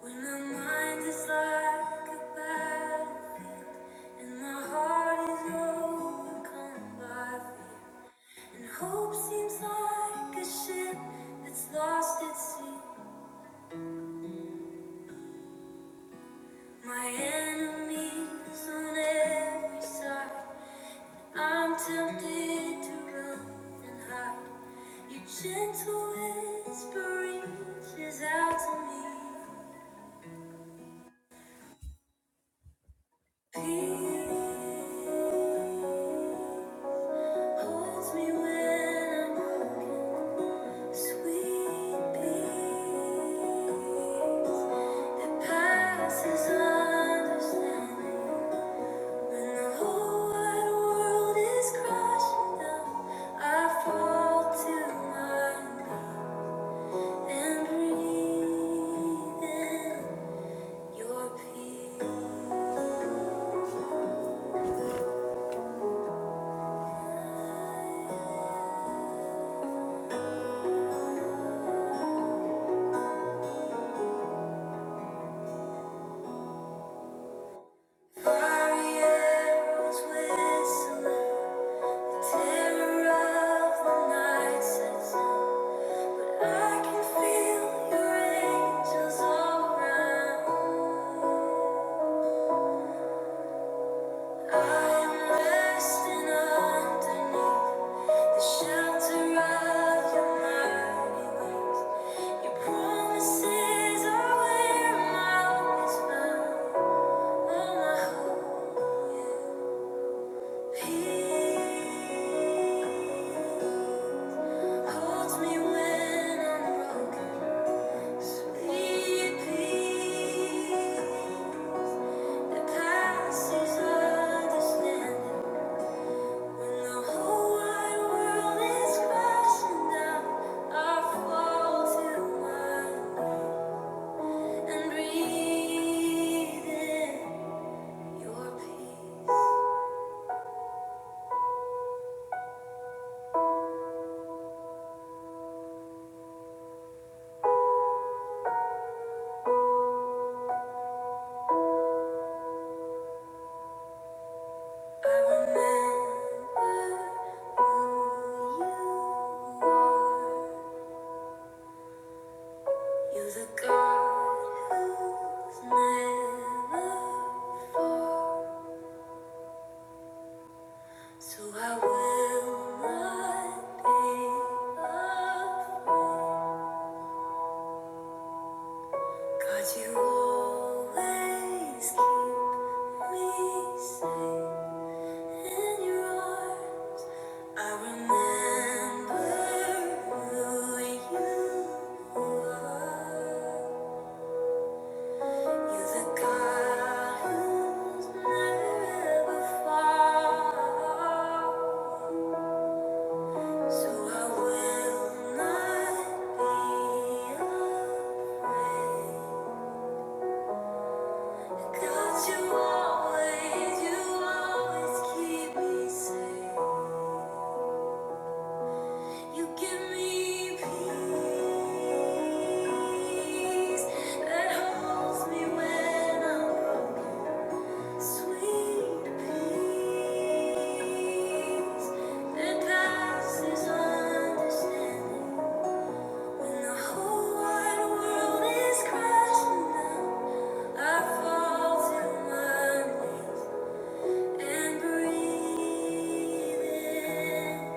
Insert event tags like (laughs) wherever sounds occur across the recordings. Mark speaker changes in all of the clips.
Speaker 1: When my mind is like a battlefield, and my heart is overcome by fear, and hope seems like a ship that's lost at sea. My enemies on every side, I'm tempted to run and hide. Your gentle whisper reaches out to me. Peace. Holds me when I'm broken, sweet peace that passes understanding. When the whole wide world is crashing down, I fall to my knees and breathe in your peace. Mario's whistling, terror of the night sets in. But I can feel your angels around. I'm resting underneath the shelter of your mighty wings. Your promises are where my hope is found. Where my hope is. And breathe in your peace. I remember who you are. You're the God who's never far. So I will not be afraid. God, you always keep me safe. In your arms, I remember who you are. You're the God who's never far. So I will not be afraid. 'Cause you always, you always keep me safe. You give me peace that holds me when I'm broken. Sweet peace that passes understanding. When the whole wide world is crashing down, I fall to my knees and breathe in.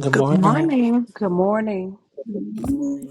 Speaker 2: Good
Speaker 3: Good
Speaker 2: morning,
Speaker 3: morning.
Speaker 4: Good morning.
Speaker 5: Thank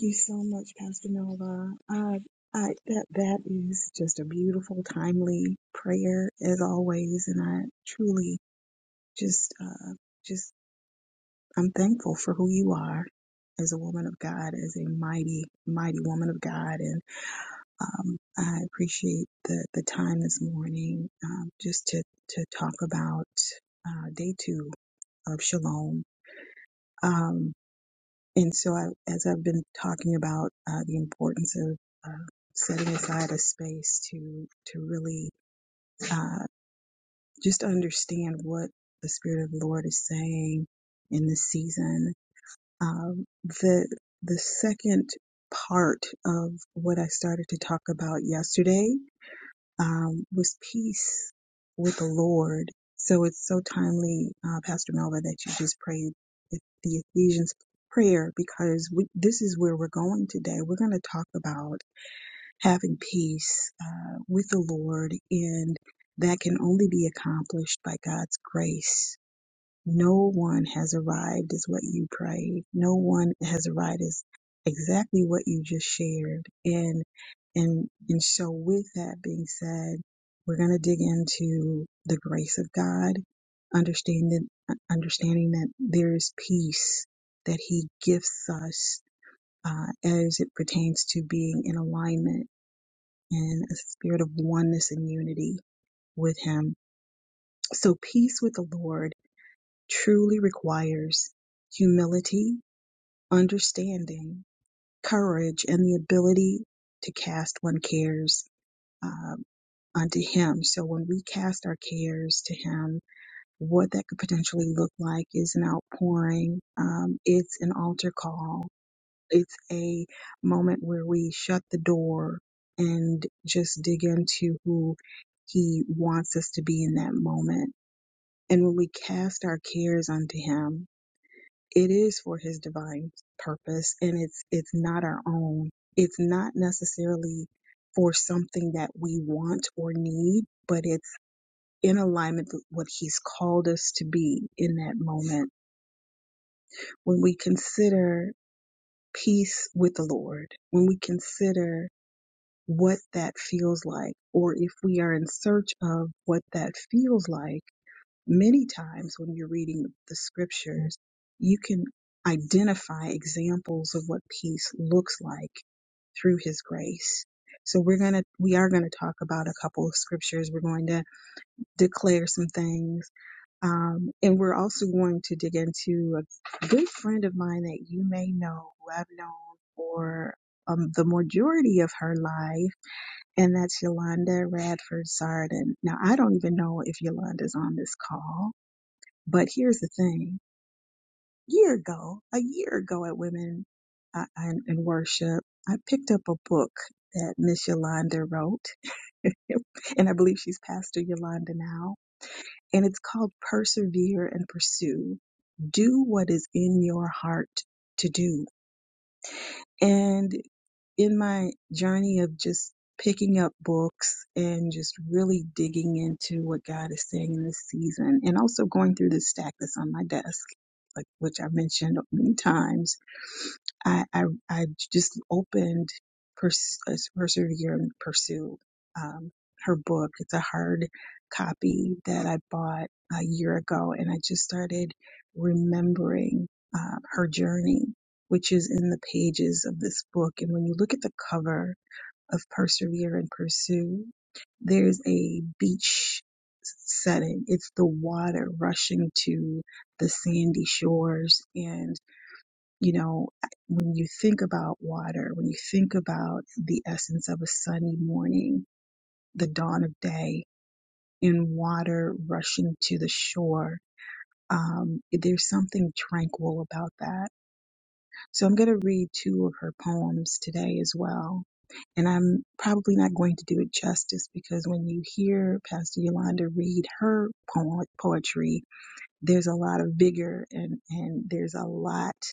Speaker 5: you so much, Pastor Nova. I, I, that, that is just a beautiful, timely prayer as always. And I truly just, uh, just, I'm thankful for who you are as a woman of God, as a mighty, mighty woman of God. And, um, I appreciate the, the time this morning, um, just to, to talk about, uh, day two of Shalom. Um, And so, I, as I've been talking about uh, the importance of uh, setting aside a space to to really uh, just understand what the Spirit of the Lord is saying in this season, um, the the second part of what I started to talk about yesterday um, was peace with the Lord. So it's so timely, uh, Pastor Melva, that you just prayed the Ephesians prayer because we, this is where we're going today. We're going to talk about having peace uh, with the Lord, and that can only be accomplished by God's grace no one has arrived is what you prayed. No one has arrived is exactly what you just shared. And and and so with that being said, we're gonna dig into the grace of God, understanding uh, understanding that there is peace that He gifts us uh, as it pertains to being in alignment and a spirit of oneness and unity with Him. So peace with the Lord truly requires humility, understanding, courage, and the ability to cast one's cares um, unto Him. So when we cast our cares to Him, what that could potentially look like is an outpouring. Um, it's an altar call. It's a moment where we shut the door and just dig into who He wants us to be in that moment. And when we cast our cares unto Him, it is for his divine purpose and it's it's not our own it's not necessarily for something that we want or need but it's in alignment with what he's called us to be in that moment when we consider peace with the lord when we consider what that feels like or if we are in search of what that feels like Many times when you're reading the scriptures, you can identify examples of what peace looks like through his grace. So we're going to, we are going to talk about a couple of scriptures. We're going to declare some things. Um, and we're also going to dig into a good friend of mine that you may know, who I've known for um, the majority of her life. And that's Yolanda Radford Sardin. Now, I don't even know if Yolanda's on this call but here's the thing. Year ago, a year ago at Women uh, in, in Worship, I picked up a book that Miss Yolanda wrote, (laughs) and I believe she's Pastor Yolanda now. And it's called Persevere and Pursue. Do what is in your heart to do and in my journey of just picking up books and just really digging into what God is saying in this season, and also going through the stack that's on my desk, like which I mentioned many times I, I, I just opened Pers- uh, Persevere and Pursue, um, her book. It's a hard copy that I bought a year ago, and I just started remembering uh, her journey, which is in the pages of this book. And when you look at the cover of Persevere and Pursue, there's a beach setting. It's the water rushing to the sandy shores and you know, when you think about water, when you think about the essence of a sunny morning, the dawn of day, and water rushing to the shore, um, there's something tranquil about that. So I'm going to read two of her poems today as well. And I'm probably not going to do it justice because when you hear Pastor Yolanda read her poem, poetry, there's a lot of vigor and, and there's a lot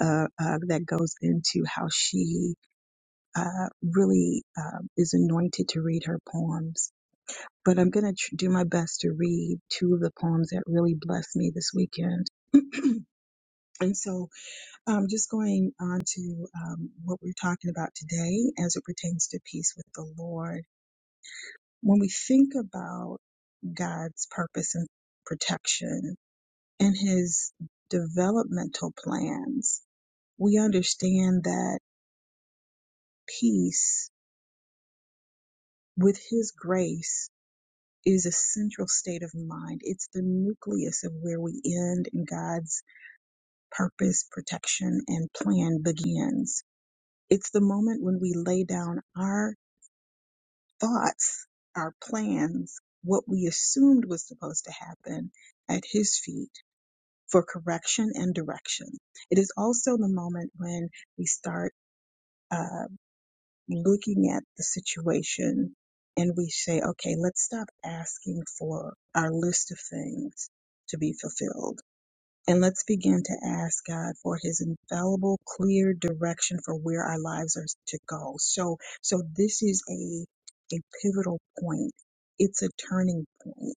Speaker 5: uh, uh, that goes into how she uh, really uh, is anointed to read her poems. But I'm going to tr- do my best to read two of the poems that really blessed me this weekend. (clears throat) and so, um, just going on to um, what we're talking about today as it pertains to peace with the Lord. When we think about God's purpose and protection and his developmental plans, we understand that peace with his grace is a central state of mind. It's the nucleus of where we end and God's purpose, protection, and plan begins. It's the moment when we lay down our thoughts, our plans, what we assumed was supposed to happen at his feet for correction and direction. It is also the moment when we start. uh, looking at the situation and we say, okay, let's stop asking for our list of things to be fulfilled. And let's begin to ask God for his infallible, clear direction for where our lives are to go. So, so this is a, a pivotal point. It's a turning point,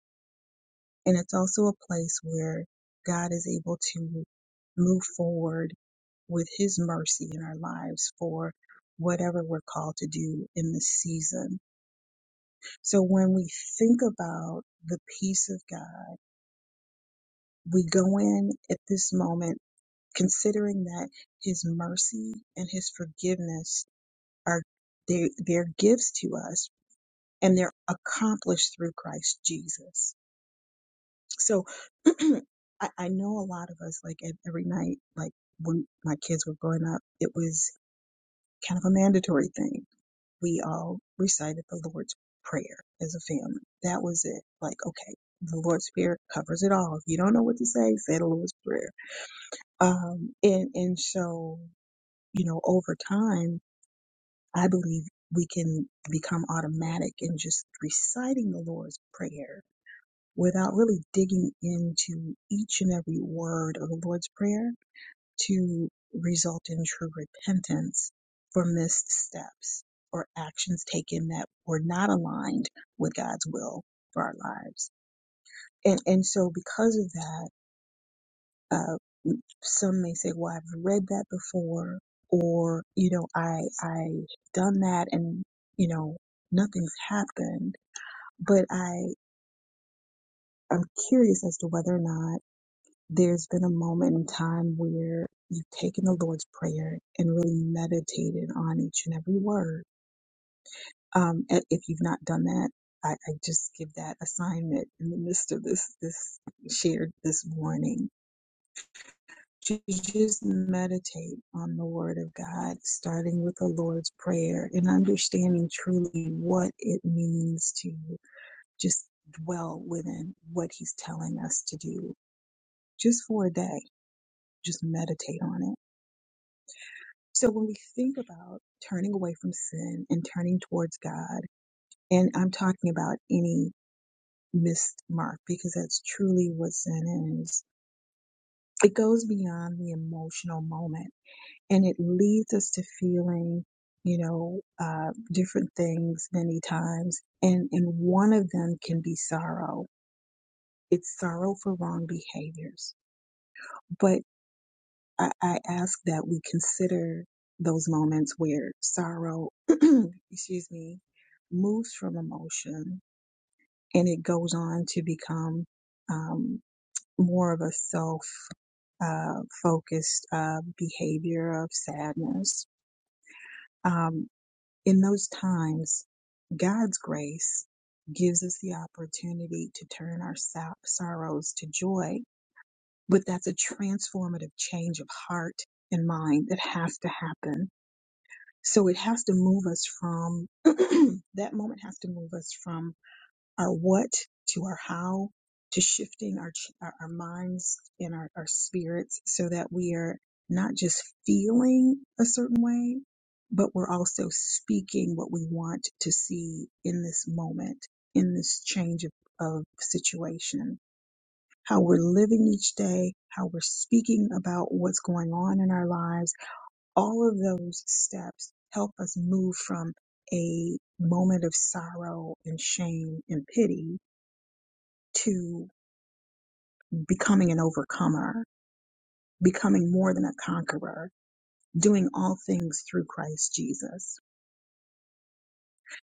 Speaker 5: And it's also a place where God is able to move forward with His mercy in our lives for whatever we're called to do in this season. So when we think about the peace of God, we go in at this moment considering that His mercy and His forgiveness are they, they're gifts to us and they're accomplished through Christ Jesus. So (clears throat) I, I know a lot of us, like ev- every night, like when my kids were growing up, it was kind of a mandatory thing we all recited the Lord's Prayer as a family. That was it. Like, okay, the Lord's Prayer covers it all. If you don't know what to say, say the Lord's Prayer. Um, and, and so, you know, over time, I believe we can become automatic in just reciting the Lord's Prayer without really digging into each and every word of the Lord's Prayer to result in true repentance for missteps or actions taken that were not aligned with God's will for our lives. And and so because of that, uh, some may say, "Well, I've read that before," or you know, "I I have done that, and you know, nothing's happened." But I I'm curious as to whether or not there's been a moment in time where you've taken the Lord's Prayer and really meditated on each and every word. Um, and if you've not done that, I, I just give that assignment in the midst of this this shared this morning. Ju- Just meditate on the Word of God, starting with the Lord's Prayer and understanding truly what it means to just dwell within what He's telling us to do, just for a day. Just meditate on it So when we think about turning away from sin and turning towards God, and I'm talking about any missed mark because that's truly what sin is. It goes beyond the emotional moment and it leads us to feeling, you know, uh, different things many times. And, and one of them can be sorrow. It's sorrow for wrong behaviors. but. I, I ask that we consider those moments where sorrow, (clears throat) excuse me, moves from emotion and it goes on to become um, more of a self uh, focused uh, behavior of sadness. Um, in those times, God's grace gives us the opportunity to turn our so- sorrows to joy, but that's a transformative change of heart and mind that has to happen So it has to move us from (clears throat) that moment has to move us from our what to our how to shifting our ch- our, our minds and our, our spirits so that we are not just feeling a certain way, but we're also speaking what we want to see in this moment, in this change of, of situation. How we're living each day, how we're speaking about what's going on in our lives all of those steps help us move from a moment of sorrow and shame and pity to becoming an overcomer, becoming more than a conqueror, doing all things through Christ Jesus.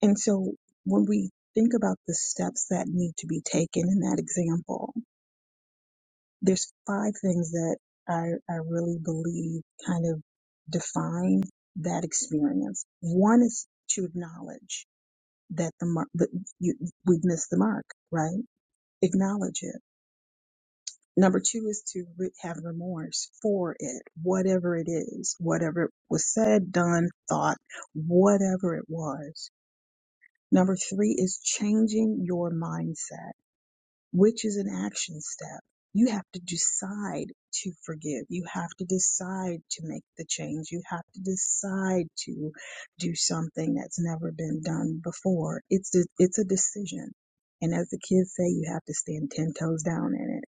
Speaker 5: And so when we think about the steps that need to be taken in that example, there's five things that I, I really believe kind of define that experience. One is to acknowledge that the mar- that you we've missed the mark, right? Acknowledge it. Number two is to re- have remorse for it, whatever it is, whatever it was said, done, thought, whatever it was. Number three is changing your mindset which is an action step. You have to decide to forgive. You have to decide to make the change. You have to decide to do something that's never been done before. It's a, it's a decision. And as the kids say, you have to stand 10 toes down in it.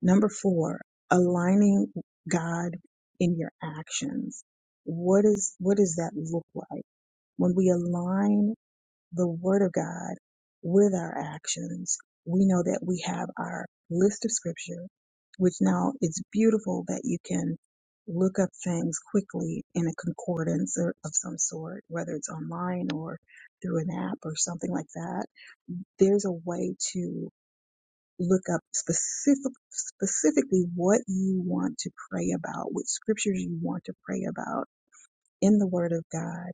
Speaker 5: Number four, aligning God in your actions. What is, what does that look like? When we align the Word of God with our actions, we know that we have our list of scripture, which now it's beautiful that you can look up things quickly in a concordance or of some sort, whether it's online or through an app or something like that. There's a way to look up specific, specifically what you want to pray about, what scriptures you want to pray about in the Word of God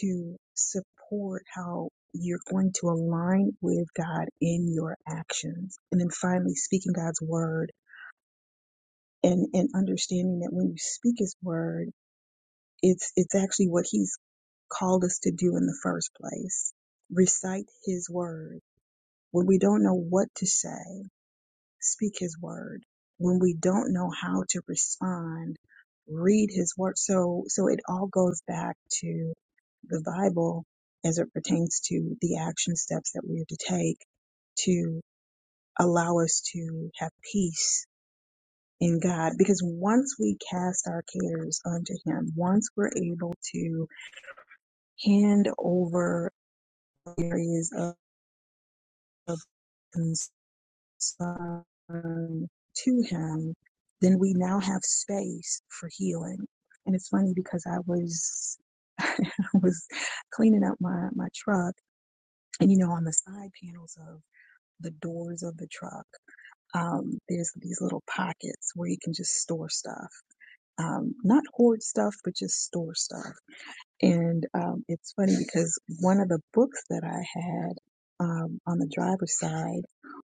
Speaker 5: to support how you're going to align with God in your actions. And then finally speaking God's word and, and understanding that when you speak his word, it's it's actually what he's called us to do in the first place. Recite his word. When we don't know what to say, Speak his word. When we don't know how to respond, read his word. So, so it all goes back to the Bible as it pertains to the action steps that we are to take to allow us to have peace in God. Because once we cast our cares unto Him, once we're able to hand over areas of, Son to Him, then we now have space for healing. And it's funny because I was (laughs) I was cleaning up my my truck, and you know, on the side panels of the doors of the truck, um, there's these little pockets where you can just store stuff. Um, not hoard stuff, but just store stuff. And um, it's funny because one of the books that I had um, on the driver's side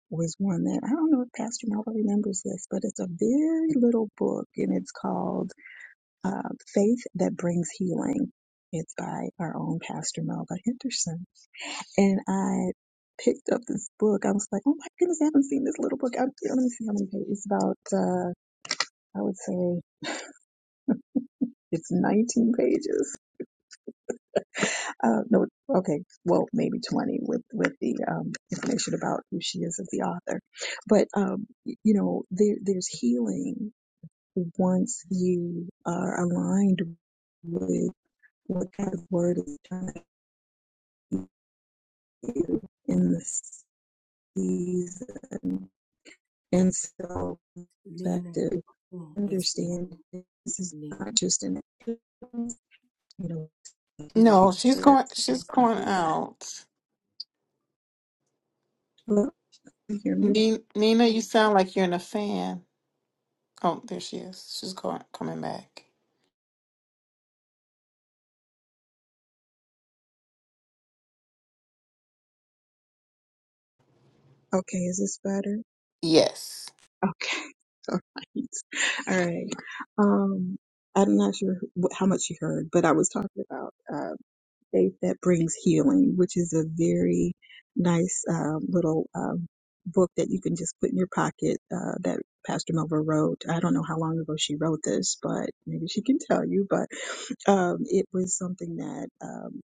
Speaker 5: was one that I don't know if Pastor Melba remembers this, but it's a very little book and it's called uh, Faith That Brings Healing. It's by our own Pastor Melba Henderson. And I picked up this book. I was like, oh my goodness, I haven't seen this little book. I, let me see how many pages. It's about, uh, I would say, it's 19 pages Uh, no, okay, well, maybe 20 with, with the um, information about who she is as the author. But, um, y- you know, there, there's healing once you are aligned with what God's word is trying to do in this season. And so, perspective, understand this is not just an, experience, you know,
Speaker 3: No, she's going. She's going out.
Speaker 5: Hello, can you hear me?
Speaker 3: Ni- Nina, you sound like you're in a fan. Oh, there she is. She's going coming back.
Speaker 5: Okay, is this better?
Speaker 3: Yes.
Speaker 5: Okay. (laughs) All right. All right. Um, I'm not sure wh- how much you heard, but I was talking about uh, faith that brings healing, which is a very nice um, little um, book that you can just put in your pocket uh, that Pastor Melva wrote. I don't know how long ago she wrote this, but maybe she can tell you. But um, it was something that um,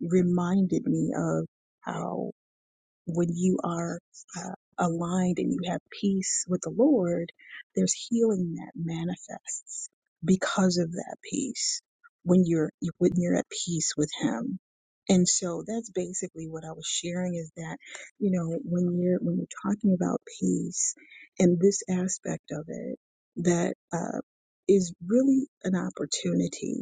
Speaker 5: reminded me of. how when you are uh, aligned and you have peace with the Lord, there's healing that manifests because of that peace when you're when you're at peace with Him. And so that's basically what I was sharing is that, you know, when you're when you're talking about peace and this aspect of it that uh, is really an opportunity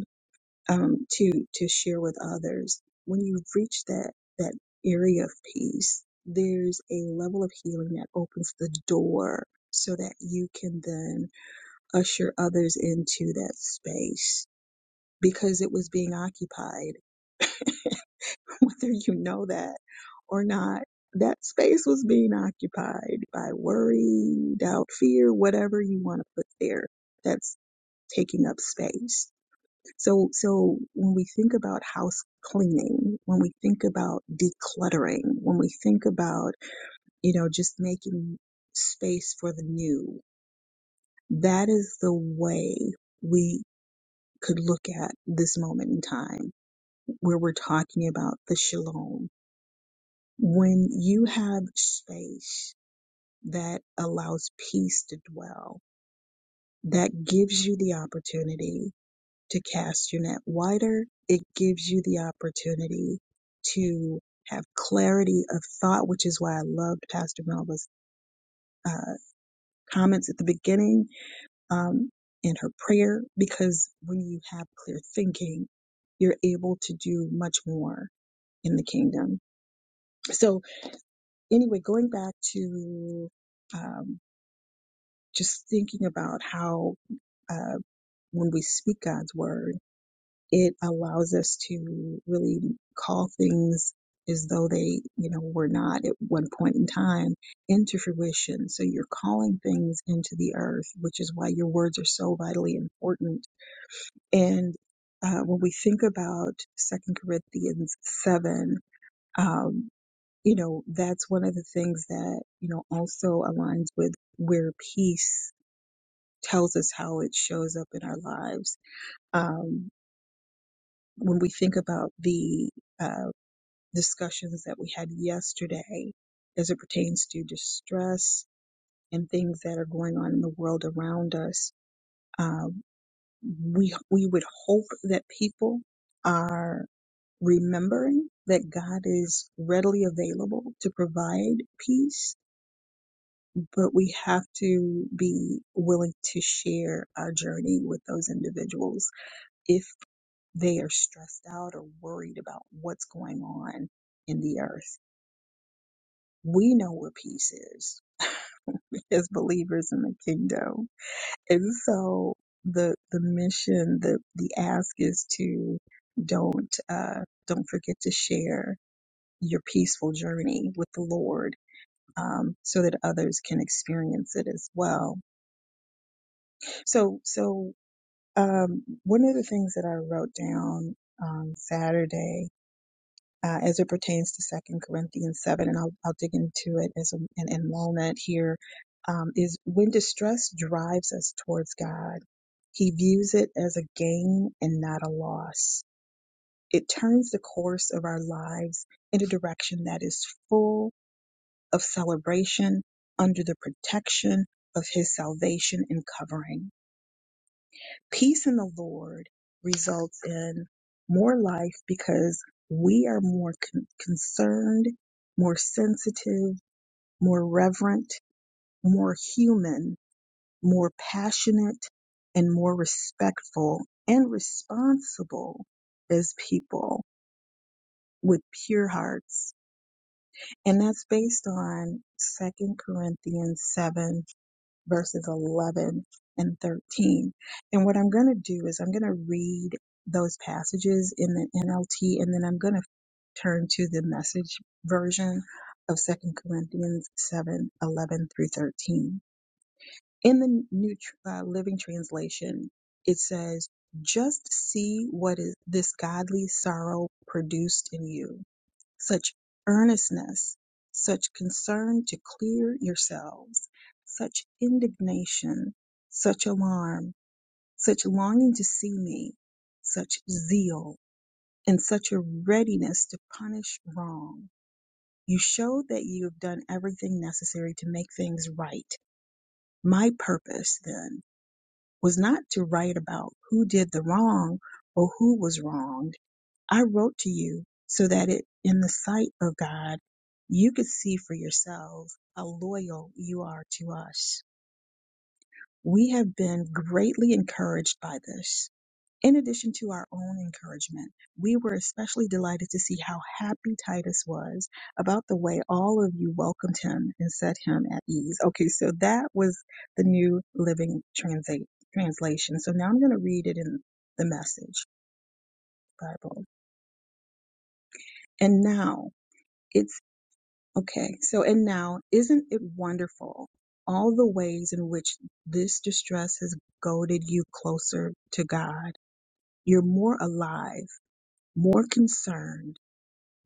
Speaker 5: um, to to share with others. When you reach that that area of peace, there's a level of healing that opens the door so that you can then usher others into that space because it was being occupied, (laughs) whether you know that or not. That space was being occupied by worry, doubt, fear, whatever you want to put there that's taking up space So, so when we think about house cleaning, when we think about decluttering, when we think about, you know, just making space for the new, that is the way we could look at this moment in time where we're talking about the shalom. When you have space that allows peace to dwell, that gives you the opportunity to cast your net wider. It gives you the opportunity to have clarity of thought, which is why I loved Pastor Melva's uh, comments at the beginning um, and her prayer, because when you have clear thinking, you're able to do much more in the kingdom. So, anyway, going back to um, just thinking about how uh, when we speak God's word, it allows us to really call things as though they, you know, were not at one point in time into fruition. So you're calling things into the earth, which is why your words are so vitally important. And uh, when we think about Second Corinthians seven, um, you know, that's one of the things that you know also aligns with where peace tells us how it shows up in our lives. Um, when we think about the uh, discussions that we had yesterday as it pertains to distress and things that are going on in the world around us. Uh, we we would hope that people are remembering that God is readily available to provide peace, but we have to be willing to share our journey with those individuals if they are stressed out or worried about what's going on in the earth. we know where peace is (laughs) as believers in the kingdom. And so the the mission, the the ask is to don't uh, don't forget to share your peaceful journey with the Lord, um, so that others can experience it as well. So so um, one of the things that I wrote down on Saturday uh, as it pertains to Second Corinthians seven, and I'll I'll dig into it as a, in, in a moment here. Um, is when distress drives us towards God, He views it as a gain and not a loss. It turns the course of our lives in a direction that is full of celebration under the protection of His salvation and covering. Peace in the Lord results in more life because we are more con- concerned, more sensitive, more reverent, more human, more passionate, and more respectful and responsible as people with pure hearts. And that's based on Second Corinthians 7 verses 11 and 13. And what I'm going to do is I'm going to read those passages in the NLT and then I'm going to turn to the message version of Second Corinthians 7 11 through 13. In the New Tr- uh, Living Translation, it says, Just see what is this godly sorrow produced in you such earnestness, such concern to clear yourselves, such indignation, such alarm, such longing to see me, such zeal, and such a readiness to punish wrong. You show that you have done everything necessary to make things right. My purpose, then, was not to write about who did the wrong or who was wronged I wrote to you so that it, in the sight of God, you could see for yourselves how loyal you are to us. We have been greatly encouraged by this. In addition to our own encouragement, we were especially delighted to see how happy Titus was about the way all of you welcomed him and set him at ease. Okay, so that was the new living translate, translation. So now I'm going to read it in the message Bible. And now, it Okay, so and now, isn't it wonderful all the ways in which this distress has goaded you closer to God? You're more alive, more concerned,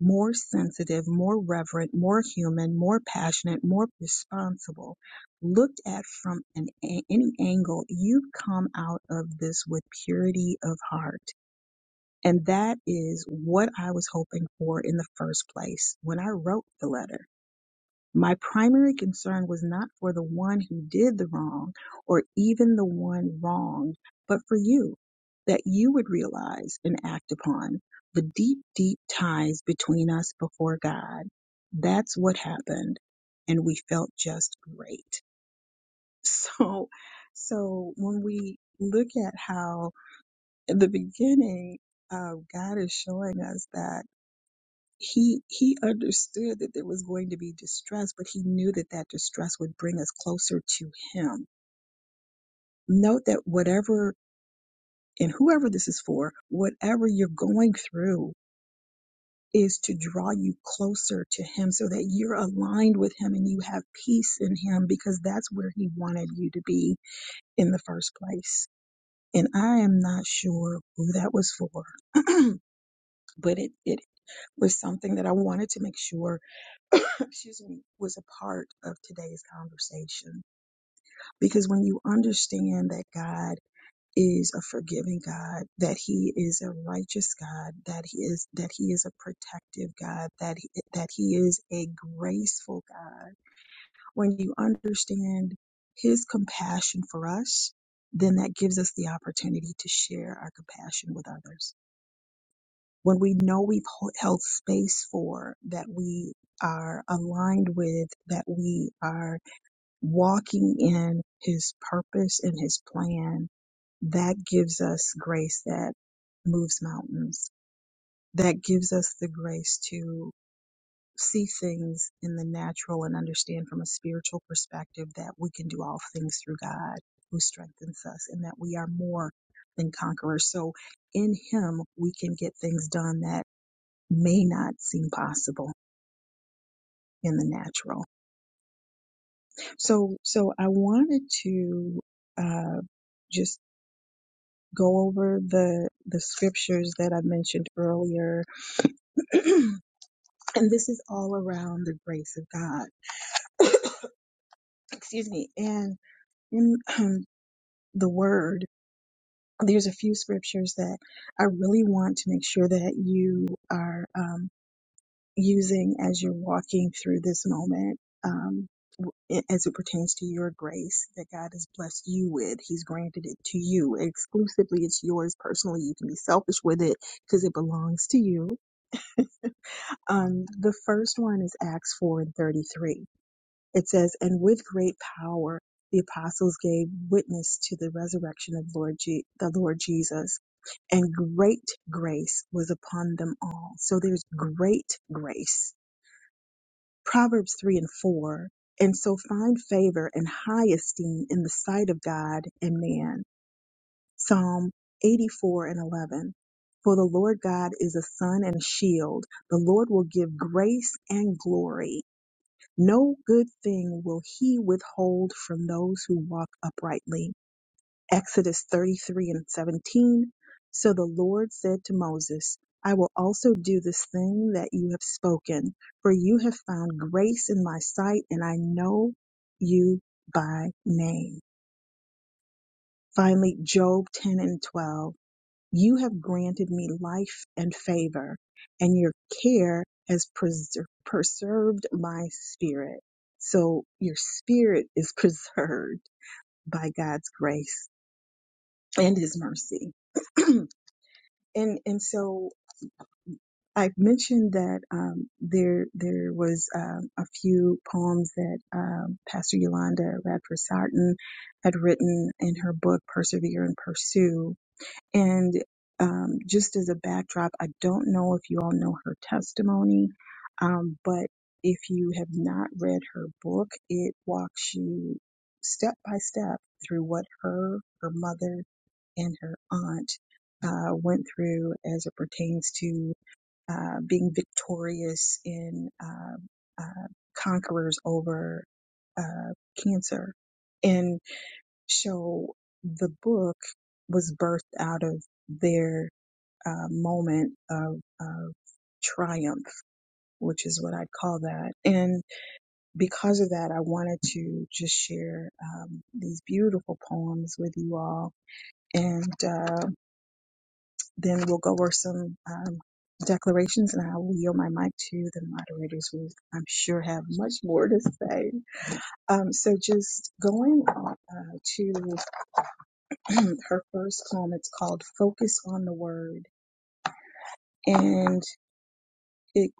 Speaker 5: more sensitive, more reverent, more human, more passionate, more responsible. Looked at from an, a- any angle, you've come out of this with purity of heart. And that is what I was hoping for in the first place when I wrote the letter my primary concern was not for the one who did the wrong or even the one wronged, but for you, that you would realize and act upon the deep, deep ties between us before God. That's what happened. And we felt just great. (laughs) So, so when we look at how in the beginning, uh, God is showing us that he he understood that there was going to be distress but he knew that that distress would bring us closer to him note that whatever and whoever this is for whatever you're going through is to draw you closer to him so that you're aligned with him and you have peace in him because that's where he wanted you to be in the first place and i am not sure who that was for (clears throat) but it, it was something that i wanted to make sure (coughs) excuse me, was a part of today's conversation. Because when you understand that God is a forgiving God, that he is a righteous God, that he is that he is a protective God, that he, that he is a graceful God. When you understand his compassion for us, then that gives us the opportunity to share our compassion with others. When we know we've held space for that we are aligned with, that we are walking in his purpose and his plan, that gives us grace that moves mountains. That gives us the grace to see things in the natural and understand from a spiritual perspective that we can do all things through God who strengthens us and that we are more than conquerors. So in him, we can get things done that may not seem possible in the natural. So, so I wanted to, uh, just go over the the scriptures that I mentioned earlier. (clears throat) and this is all around the grace of God. (coughs) Excuse me. And in (clears throat) um, the word, there's a few scriptures that I really want to make sure that you are um, using as you're walking through this moment. Um, as it pertains to your grace that God has blessed you with, He's granted it to you exclusively. It's yours personally. You can be selfish with it because it belongs to you Um, the first one is Acts 4 and 33. It says, And with great power the apostles gave witness to the resurrection of Lord Je- the Lord Jesus, and great grace was upon them all. So there's great grace. Proverbs 3 and 4. And so find favor and high esteem in the sight of God and man. Psalm 84 and 11. For the Lord God is a sun and a shield. The Lord will give grace and glory no good thing will he withhold from those who walk uprightly. Exodus 33 and 17. So the Lord said to Moses, I will also do this thing that you have spoken, for you have found grace in my sight, and I know you by name. Finally, Job 10 and 12. You have granted me life and favor, and your care has preser- preserved my spirit. So your spirit is (laughs) preserved by God's grace and his mercy. (clears throat) and and so I mentioned that um, there there was um a few poems that um, Pastor Yolanda Radford Sarton had written in her book Persevere and Pursue And um, just as a backdrop, I don't know if you all know her testimony, um, but if you have not read her book, it walks you step by step through what her, her mother, and her aunt uh, went through as it pertains to uh, being victorious in uh, uh, conquerors over uh, cancer. So the book was birthed out of their uh, moment of, of triumph, which is what I'd call that. And because of that, I wanted to just share um, these beautiful poems with you all. And uh, then we'll go over some um, declarations, and I will yield my mic to the moderators who I'm sure have much more to say. Um, so just going uh, to (clears throat) her first poem. It's called Focus on the Word. And it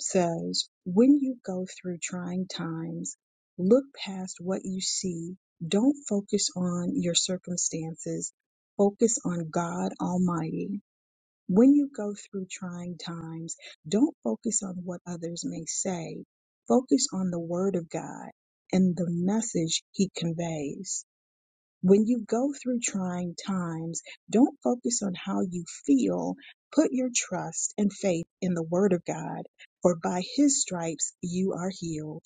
Speaker 5: says, When you go through trying times, look past what you see. Don't focus on your circumstances. Focus on God Almighty. When you go through trying times, don't focus on what others may say. Focus on the Word of God and the message He conveys When you go through trying times, don't focus on how you feel. Put your trust and faith in the Word of God, for by His stripes you are healed.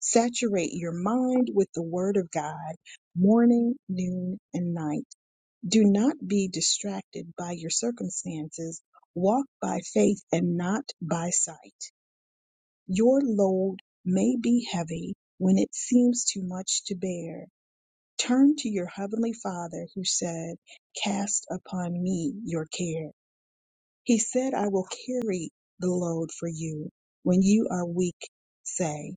Speaker 5: Saturate your mind with the Word of God morning, noon, and night. Do not be distracted by your circumstances. Walk by faith and not by sight. Your load may be heavy when it seems too much to bear Turn to your heavenly Father who said, Cast upon me your care. He said, I will carry the load for you. When you are weak, say,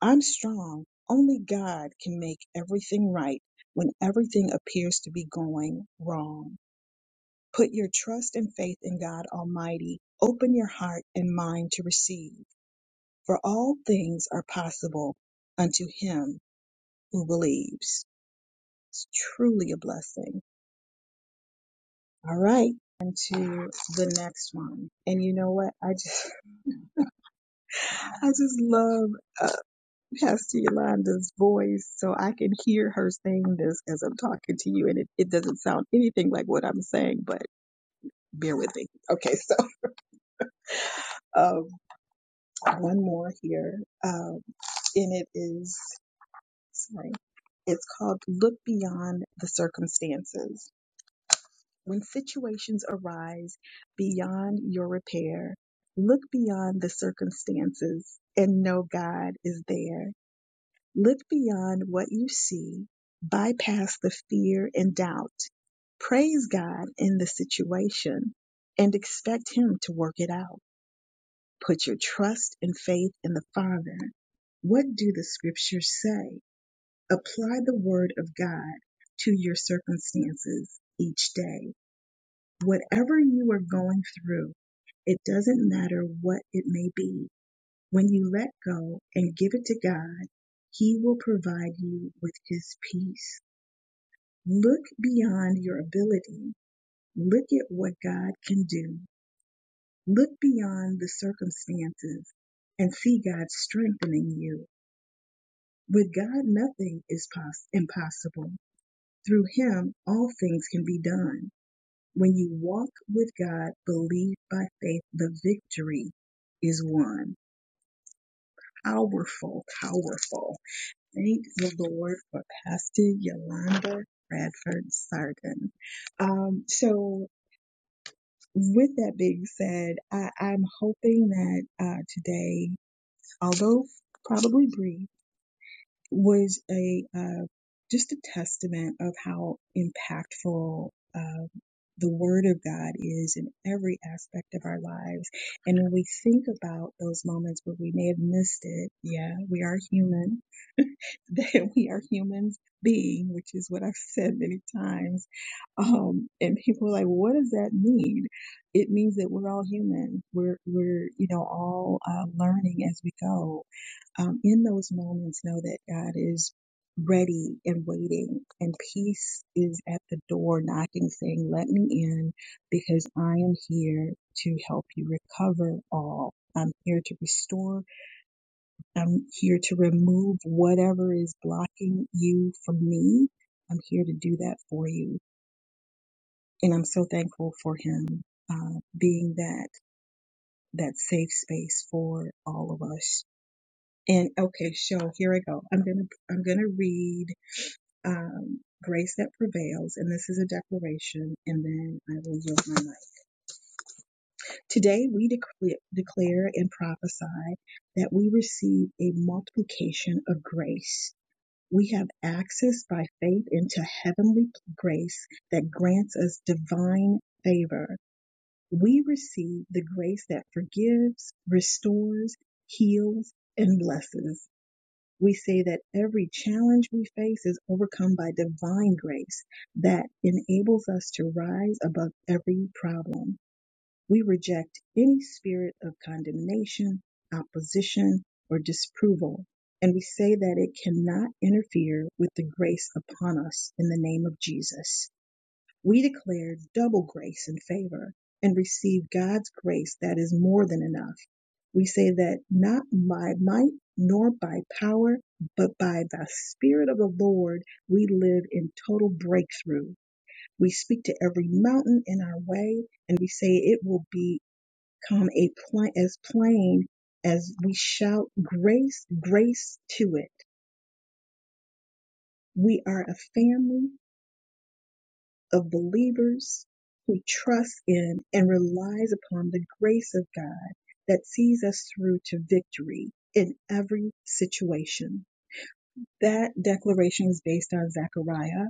Speaker 5: I'm strong. Only God can make everything right when everything appears to be going wrong. Put your trust and faith in God Almighty. Open your heart and mind to receive, for all things are possible unto him who believes. It's truly a blessing. All right. And to the next one. And you know what? I just, (laughs) I just love uh, Pastor Yolanda's voice. So I can hear her saying this as I'm talking to you. And it, it doesn't sound anything like what I'm saying, but bear with me. Okay. So, (laughs) um, one more here. Um, and it is, sorry, it's called Look Beyond the Circumstances. When situations arise beyond your repair, look beyond the circumstances and know God is there. Look beyond what you see, bypass the fear and doubt. Praise God in the situation and expect Him to work it out. Put your trust and faith in the Father. What do the scriptures say? Apply the word of God to your circumstances each day. Whatever you are going through, it doesn't matter what it may be. When you let go and give it to God, He will provide you with His peace. Look beyond your ability. Look at what God can do. Look beyond the circumstances and see God strengthening you. With God, nothing is poss- impossible. Through Him, all things can be done. When you walk with God, believe by faith, the victory is won. Powerful, powerful. Thank the Lord for Pastor Yolanda Bradford Sargon. Um, so, with that being said, I, I'm hoping that uh, today, although probably brief, was a uh, just a testament of how impactful. uh, the Word of God is in every aspect of our lives. And when we think about those moments where we may have missed it, yeah, we are human (laughs) that we are humans being, which is what I've said many times. Um, and people are like, "Well, what does that mean? It means that we're all human. We're, we're, you know, all uh, learning as we go. Um, in those moments, know that God is ready and waiting and peace is at the door knocking saying, let me in because I am here to help you recover all. I'm here to restore I'm here to remove whatever is blocking you from me. I'm here to do that for you. And I'm so thankful for him uh, being that that safe space for all of us. And okay, so here I go. I'm gonna I'm gonna read um, Grace That Prevails, and this is a declaration, and then I will yield my mic. Today we declare, declare and prophesy that we receive a multiplication of grace We have access by faith into heavenly grace that grants us divine favor. We receive the grace that forgives, restores, heals, and blesses. We say that every challenge we face is overcome by divine grace that enables us to rise above every problem. We reject any spirit of condemnation, opposition, or disapproval, and we say that it cannot interfere with the grace upon us in the name of Jesus. We declare double grace and favor and receive God's grace that is more than enough. We say that not by might nor by power, but by the Spirit of the Lord, we live in total breakthrough. We speak to every mountain in our way and we say it will be come a plain, as plain as we shout grace, grace to it. We are a family of believers who trust in and relies upon the grace of God that sees us through to victory in every situation. That declaration was based on Zechariah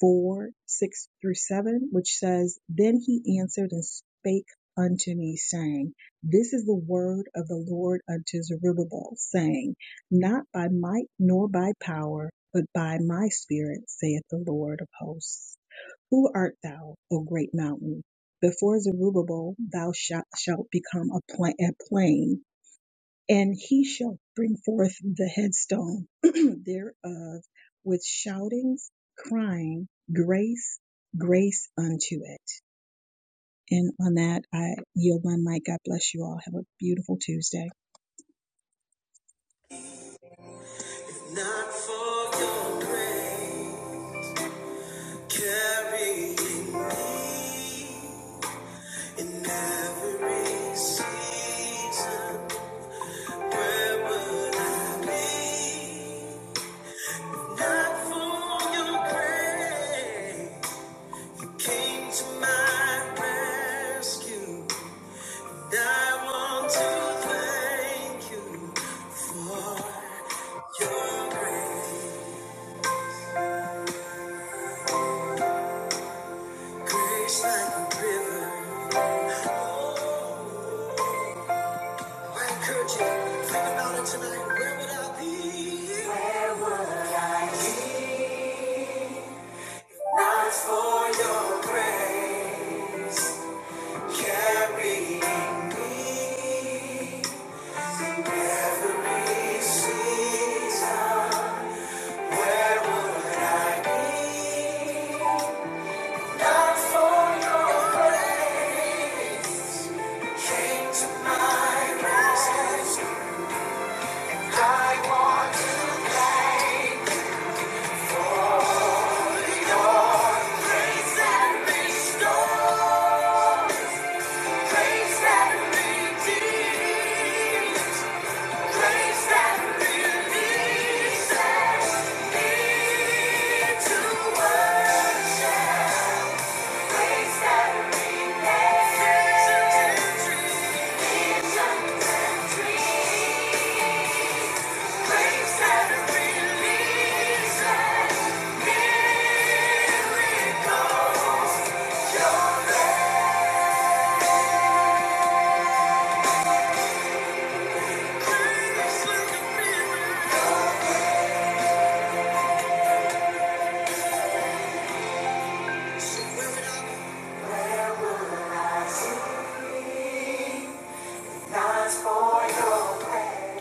Speaker 5: 4, 6 through 7, which says, Then he answered and spake unto me, saying, This is the word of the Lord unto Zerubbabel, saying, Not by might nor by power, but by my spirit, saith the Lord of hosts. Who art thou, O great mountain? Before Zerubbabel thou shalt become a plain, and he shall bring forth the headstone (clears throat) thereof with shoutings, crying, grace, grace unto it. And on that, I yield my mic. God bless you all. Have a beautiful Tuesday.
Speaker 1: Not for your grace, carrying me in every season. Where would I be? Not for your grace. Came to my rescue. I want to thank you for your grace, grace like a river. I encourage you, think about it tonight. Where would I be? Where would I be? Not for your grace, carrying me. Every season, where would I be? Not for your grace. Came to my rescue. I want to thank grace that restores, grace that redeems, grace that relieves, grace that Where will I see? Not for your praise.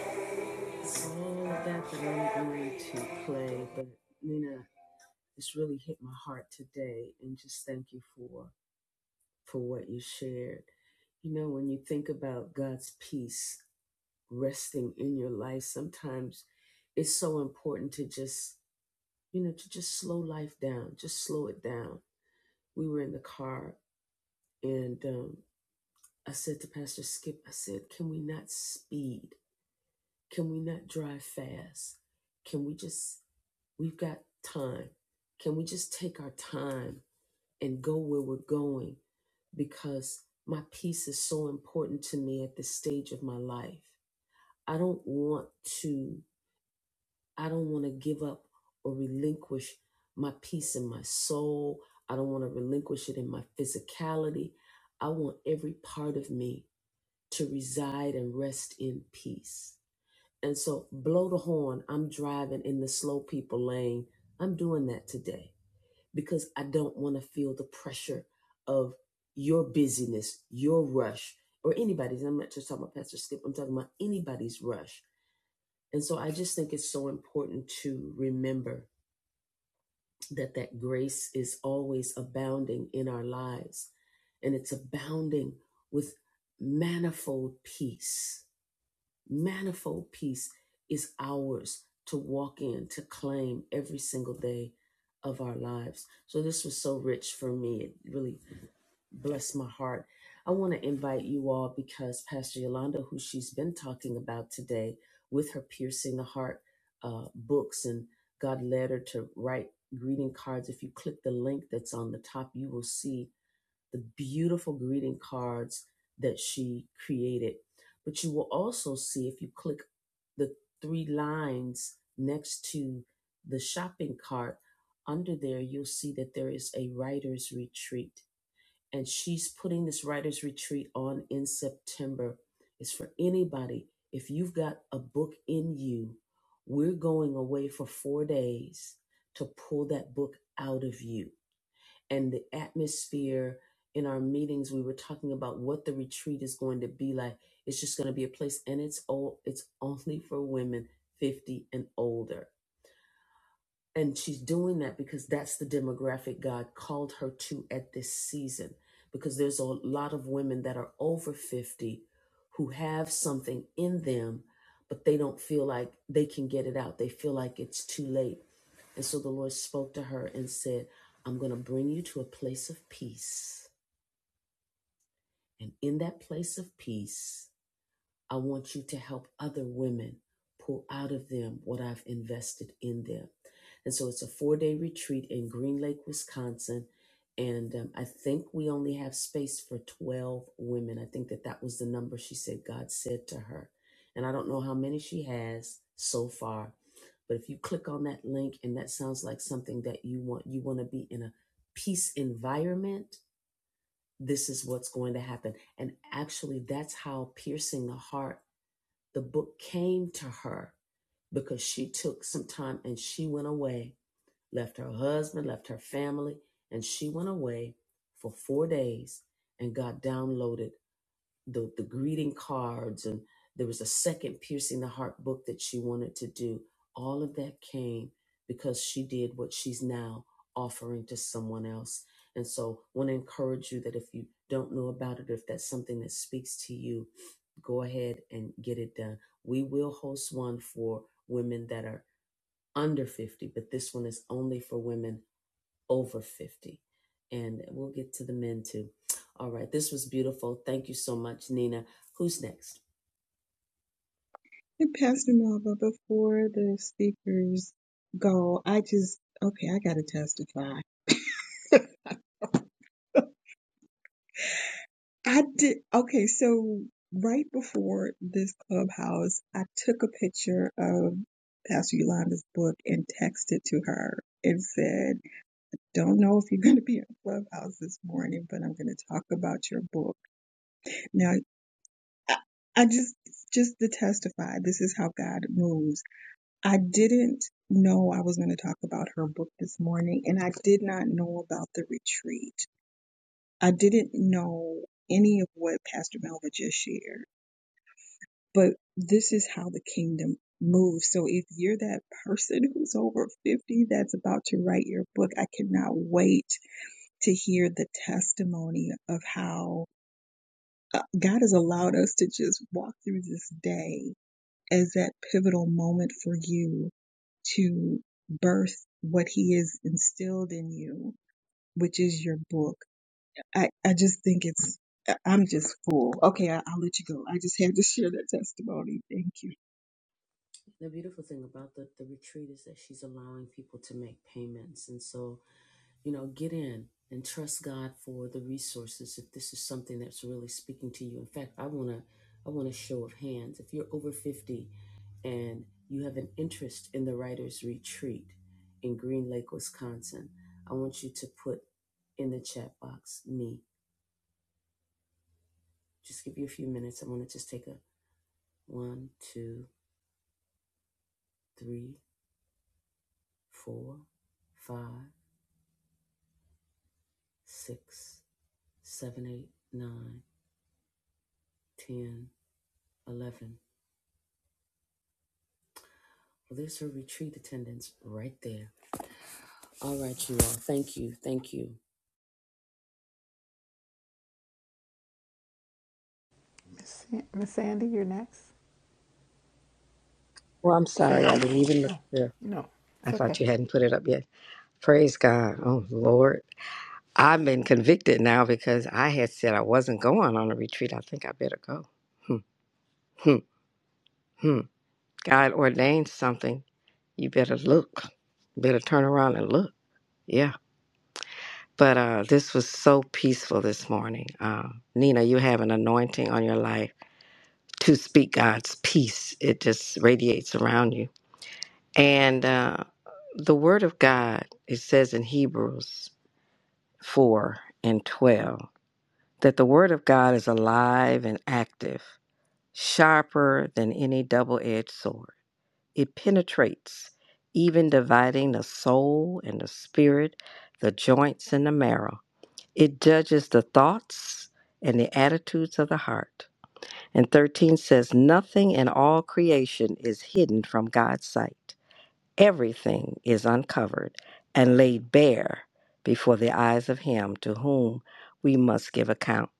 Speaker 5: And Pastor Melva, before the speakers go, I just, okay, I got to testify. (laughs) I did. Okay, so right before this clubhouse, I took a picture of Pastor Yolanda's book and texted to her and said, Don't know if you're going to be in clubhouse this morning, but I'm going to talk about your book. Now, I, I just, just to testify, this is how God moves. I didn't know I was going to talk about her book this morning, and I did not know about the retreat. I didn't know any of what Pastor Melva just shared. But this is how the kingdom moves. So if you're that person who's over 50 that's about to write your book, I cannot wait to hear the testimony of how uh, God has allowed us to just walk through this day as that pivotal moment for you to birth what he has instilled in you, which is your book. I, I just think it's, I- am just full. Okay, I, I'll let you go. I just had to share that testimony. Thank you.
Speaker 3: Miss Sa- Miss Sandy, you're next.
Speaker 6: Well, I'm sorry. I
Speaker 3: Sandy.
Speaker 6: didn't even look
Speaker 3: Oh
Speaker 6: there.
Speaker 3: no,
Speaker 6: I
Speaker 3: it's okay.
Speaker 6: thought you hadn't put it up yet. Praise God. Oh, Lord. I've been convicted now because I had said I wasn't going on a retreat. I think I better go. Hmm, hmm, hmm. God ordained something. You better look. Better turn around and look. Yeah. But uh, this was so peaceful this morning. Uh, Nina, you have an anointing on your life to speak God's peace. It just radiates around you. And uh, the Word of God, it says in Hebrews 4 and 12 that the Word of God is alive and active, sharper than any double edged sword. It penetrates, even dividing the soul and the spirit, the joints and the marrow. It judges the thoughts and the attitudes of the heart. And 13 says, Nothing in all creation is hidden from God's sight everything is uncovered and laid bare before the eyes of Him to whom we must give account.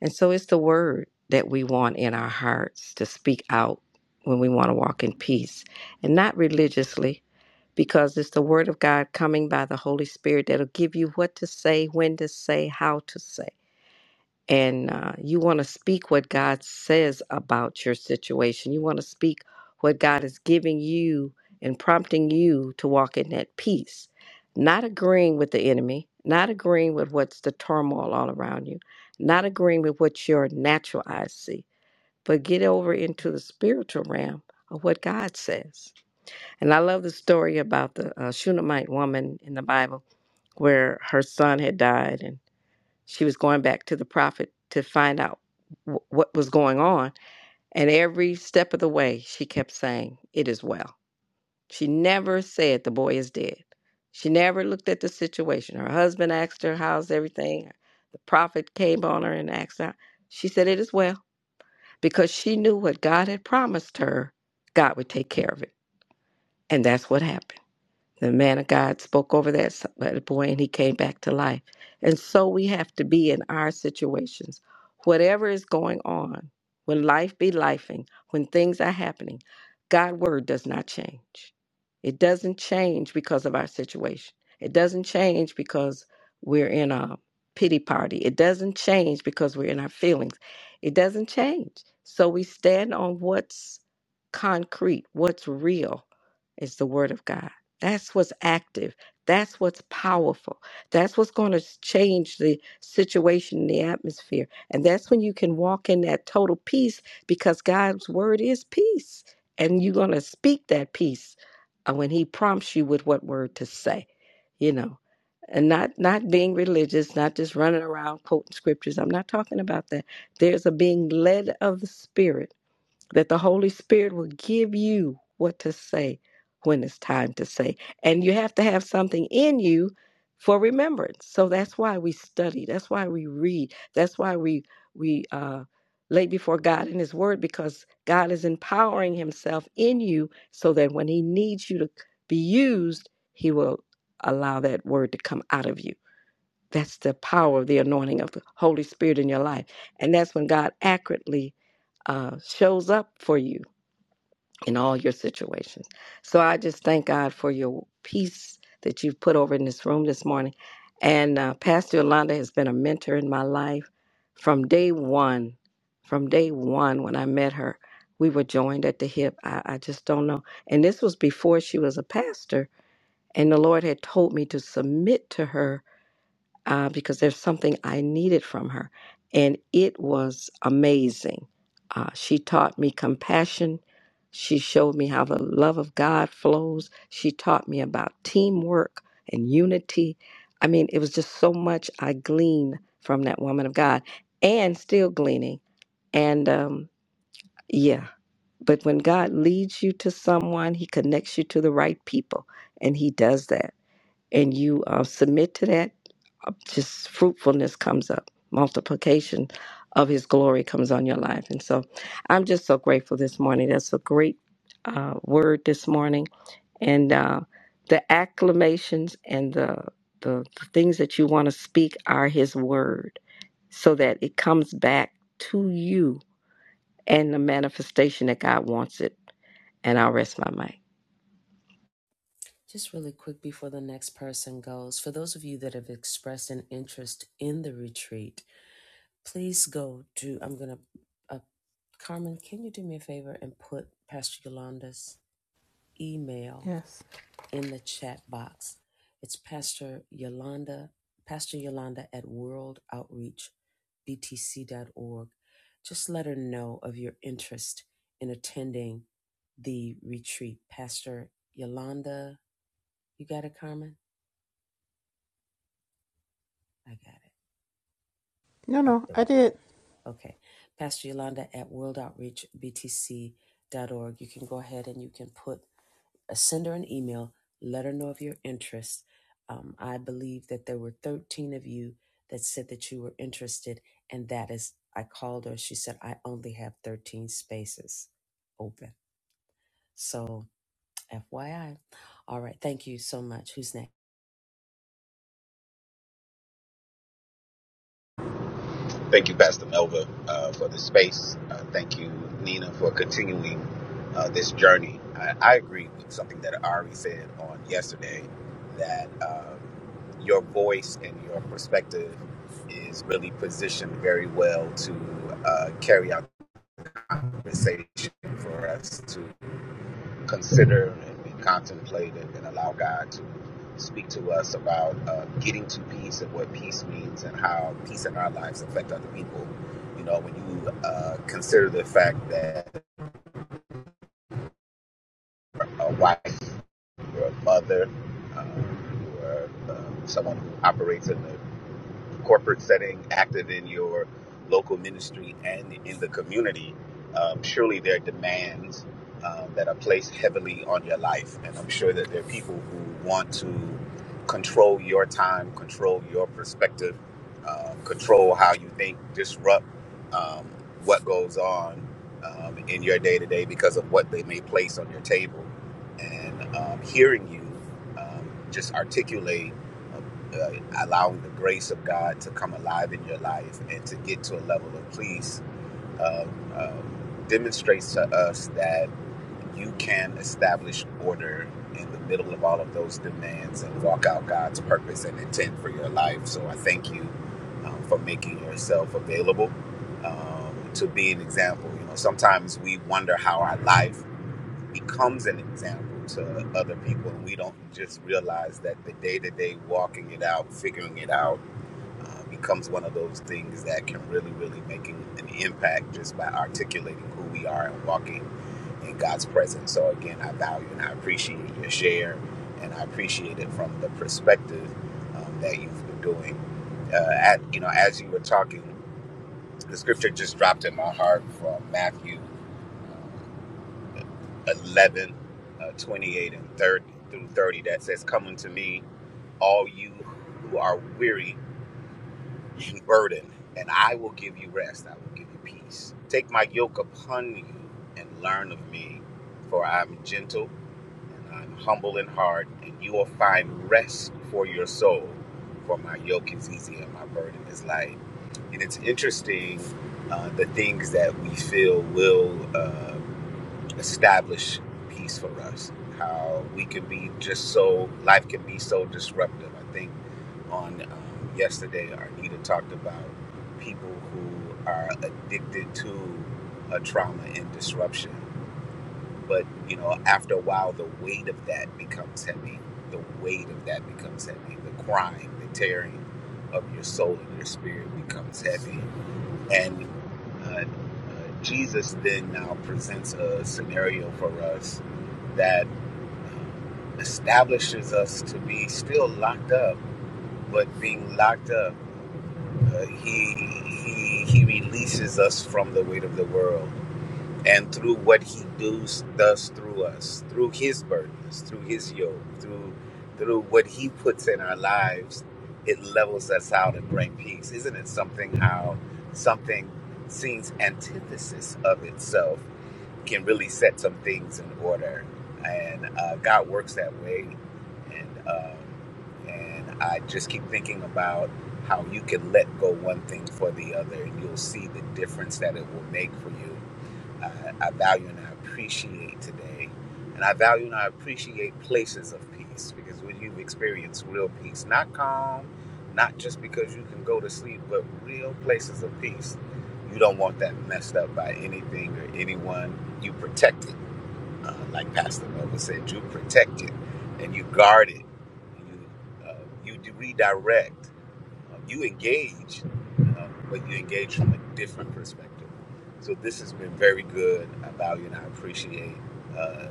Speaker 6: And so it's the word that we want in our hearts to speak out when we want to walk in peace and not religiously, because it's the word of God coming by the Holy Spirit that'll give you what to say, when to say, how to say and uh, you want to speak what God says about your situation. You want to speak what God is giving you and prompting you to walk in that peace, not agreeing with the enemy, not agreeing with what's the turmoil all around you, not agreeing with what your natural eyes see, but get over into the spiritual realm of what God says. And I love the story about the uh, Shunammite woman in the Bible where her son had died and. She was going back to the prophet to find out wh- what was going on. And every step of the way, she kept saying, It is well. She never said, The boy is dead. She never looked at the situation. Her husband asked her, How's everything? The prophet came on her and asked her. She said, It is well. Because she knew what God had promised her, God would take care of it. And that's what happened. The man of God spoke over that s- that boy and he came back to life. And so we have to be in our situations. Whatever is going on, when life be lifing, when things are happening, God's word does not change. It doesn't change because of our situation. It doesn't change because we're in a pity party. It doesn't change because we're in our feelings. It doesn't change. So we stand on what's concrete, what's real is the Word of God. That's what's active. That's what's powerful. That's what's going to change the situation, the atmosphere. And that's when you can walk in that total peace because God's Word is peace. And you're going to speak that peace uh, when He prompts you with what word to say, you know. And not not being religious, not just running around quoting scriptures. I'm not talking about that. There's a being led of the Spirit that the Holy Spirit will give you what to say when it's time to say. And you have to have something in you for remembrance. So that's why we study. That's why we read. That's why we we uh, lay before God in His Word because God is empowering Himself in you so that when He needs you to be used, He will allow that word to come out of you. That's the power of the anointing of the Holy Spirit in your life. And that's when God accurately uh, shows up for you in all your situations. So I just thank God for your peace that you've put over in this room this morning. And uh, Pastor Yolanda has been a mentor in my life from day one. From day one, when I met her, we were joined at the hip. I, I just don't know. And this was before she was a pastor. And the Lord had told me to submit to her uh, because there's something I needed from her. And it was amazing. Uh, she taught me compassion. She showed me how the love of God flows. She taught me about teamwork and unity. I mean, it was just so much I gleaned from that woman of God and still gleaning. And um, yeah, but when God leads you to someone, He connects you to the right people, and He does that. And you uh, submit to that just fruitfulness comes up, multiplication of His glory comes on your life. And so I'm just so grateful this morning. That's a great uh, word this morning. And uh, the acclamations and the, the, the things that you want to speak are His word so that it comes back to you and the manifestation that God wants it. And I'll rest my mic.
Speaker 3: Yes. No, no, I did.
Speaker 7: Thank you, Pastor Melva, uh, for the space. Uh, thank you, Nina, for continuing uh, this journey. I, I agree with something that I already said on yesterday that um, your voice and your perspective is really positioned very well to uh, carry out the conversation for us consider and contemplate and, and allow God to speak to us about uh, getting to peace and what peace means and how peace in our lives affect other people. You know, when you uh, consider the fact that a wife, or a mother, um, you um, someone who operates in the corporate setting, active in your local ministry and in the community, um, surely there are demands um, that are placed heavily on your life. And I'm sure that there are people who want to control your time, control your perspective, um, control how you think, disrupt um, what goes on um, in your day to day because of what they may place on your table. And um, hearing you um, just articulate uh, allowing the grace of God to come alive in your life and to get to a level of peace um, um, demonstrates to us that you can establish order in the middle of all of those demands and walk out God's purpose and intent for your life. So I thank you um, for making yourself available um, to be an example. You know, sometimes we wonder how our life becomes an example to other people and we don't just realize that the day-to-day walking it out figuring it out uh, becomes one of those things that can really really make an an impact just by articulating who we are and walking in god's presence so again i value and i appreciate your share and i appreciate it from the perspective um, that you've been doing uh, at you know as you were talking the scripture just dropped in my heart from matthew 11, uh, 28, and 30 through 30 that says, Come unto me, all you who are weary and burdened, and I will give you rest. I will give you peace. Take my yoke upon you and learn of me, for I am gentle and I am humble in heart, and you will find rest for your soul. For my yoke is easy and my burden is light. And it's interesting uh, the things that we feel will. Uh, establish peace for us. How we can be just so life can be so disruptive. I think on um, yesterday, Arnita talked about people who are addicted to a trauma and disruption. But you know, after a while, the weight of that becomes heavy. The weight of that becomes heavy. The crying, the tearing of your soul and your spirit becomes heavy. And uh, uh, Jesus then now presents a scenario for us that establishes us to be still locked up, but being locked up, uh, he, he he releases us from the weight of the world and through what he does does through us through his burdens through his yoke through through what he puts in our lives it levels us out and brings peace isn't it something how something seems antithesis of itself can really set some things in order and uh, god works that way and um, and i just keep thinking about how you can let go one thing for the other and you'll see the difference that it will make for you I, I value and I appreciate today. And I value and I appreciate places of peace because when you've experienced real peace, not calm, not just because you can go to sleep, but real places of peace, you don't want that messed up by anything or anyone. You protect it. Uh, like Pastor Nova said, you protect it and you guard it. You, uh, you redirect um, you engage, um, but you engage from a different perspective. So this has been very good. I value and I appreciate uh,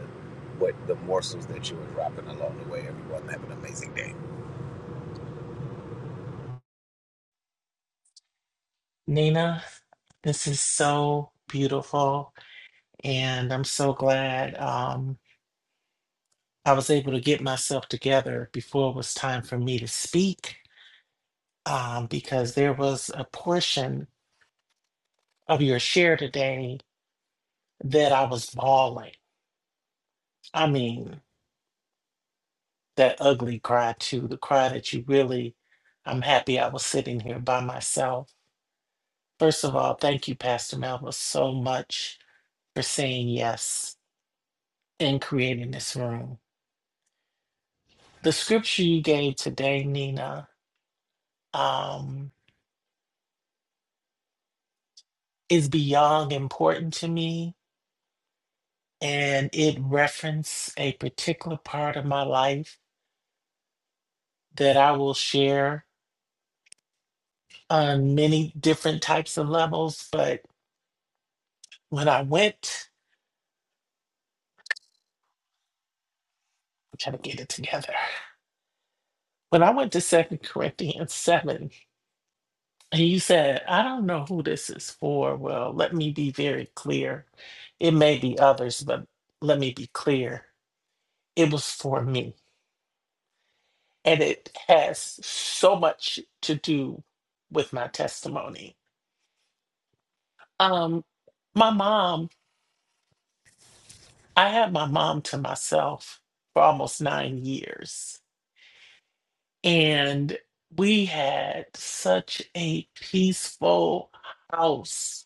Speaker 7: what the morsels that you are dropping along the way. Everyone have an amazing day.
Speaker 2: Nina. This is so beautiful, and I'm so glad um, I was able to get myself together before it was time for me to speak, um, because there was a portion of your share today that I was bawling. I mean, that ugly cry too, the cry that you really. I'm happy I was sitting here by myself. First of all, thank you, Pastor Melba, so much for saying yes and creating this room. The scripture you gave today, Nina, um, is beyond important to me, and it referenced a particular part of my life that I will share on many different types of levels. But when I went, I'm trying to get it together. When I went to Second Corinthians 7, and you said, I don't know who this is for. Well, let me be very clear. It may be others, but let me be clear. It was for me and it has so much to do with my testimony. Um, my mom, I had my mom to myself for almost nine years, and we had such a peaceful house.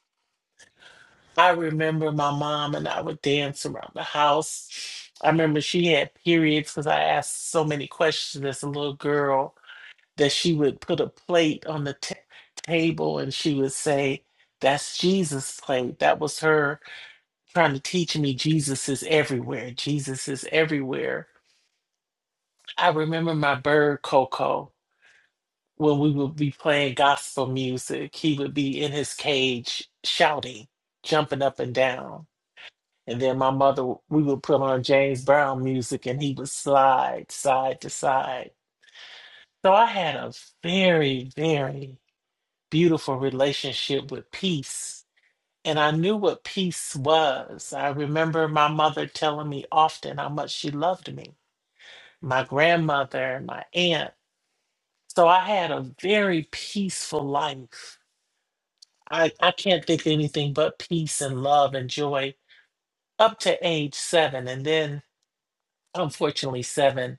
Speaker 2: I remember my mom and I would dance around the house. I remember she had periods because I asked so many questions as a little girl that she would put a plate on the t- table and she would say, That's Jesus' plate. That was her trying to teach me Jesus is everywhere. Jesus is everywhere. I remember my bird, Coco, when we would be playing gospel music, he would be in his cage shouting, jumping up and down. And then my mother, we would put on James Brown music and he would slide side to side. So I had a very, very beautiful relationship with peace. And I knew what peace was. I remember my mother telling me often how much she loved me, my grandmother, my aunt. So I had a very peaceful life. I, I can't think of anything but peace and love and joy up to age seven. And then, unfortunately, seven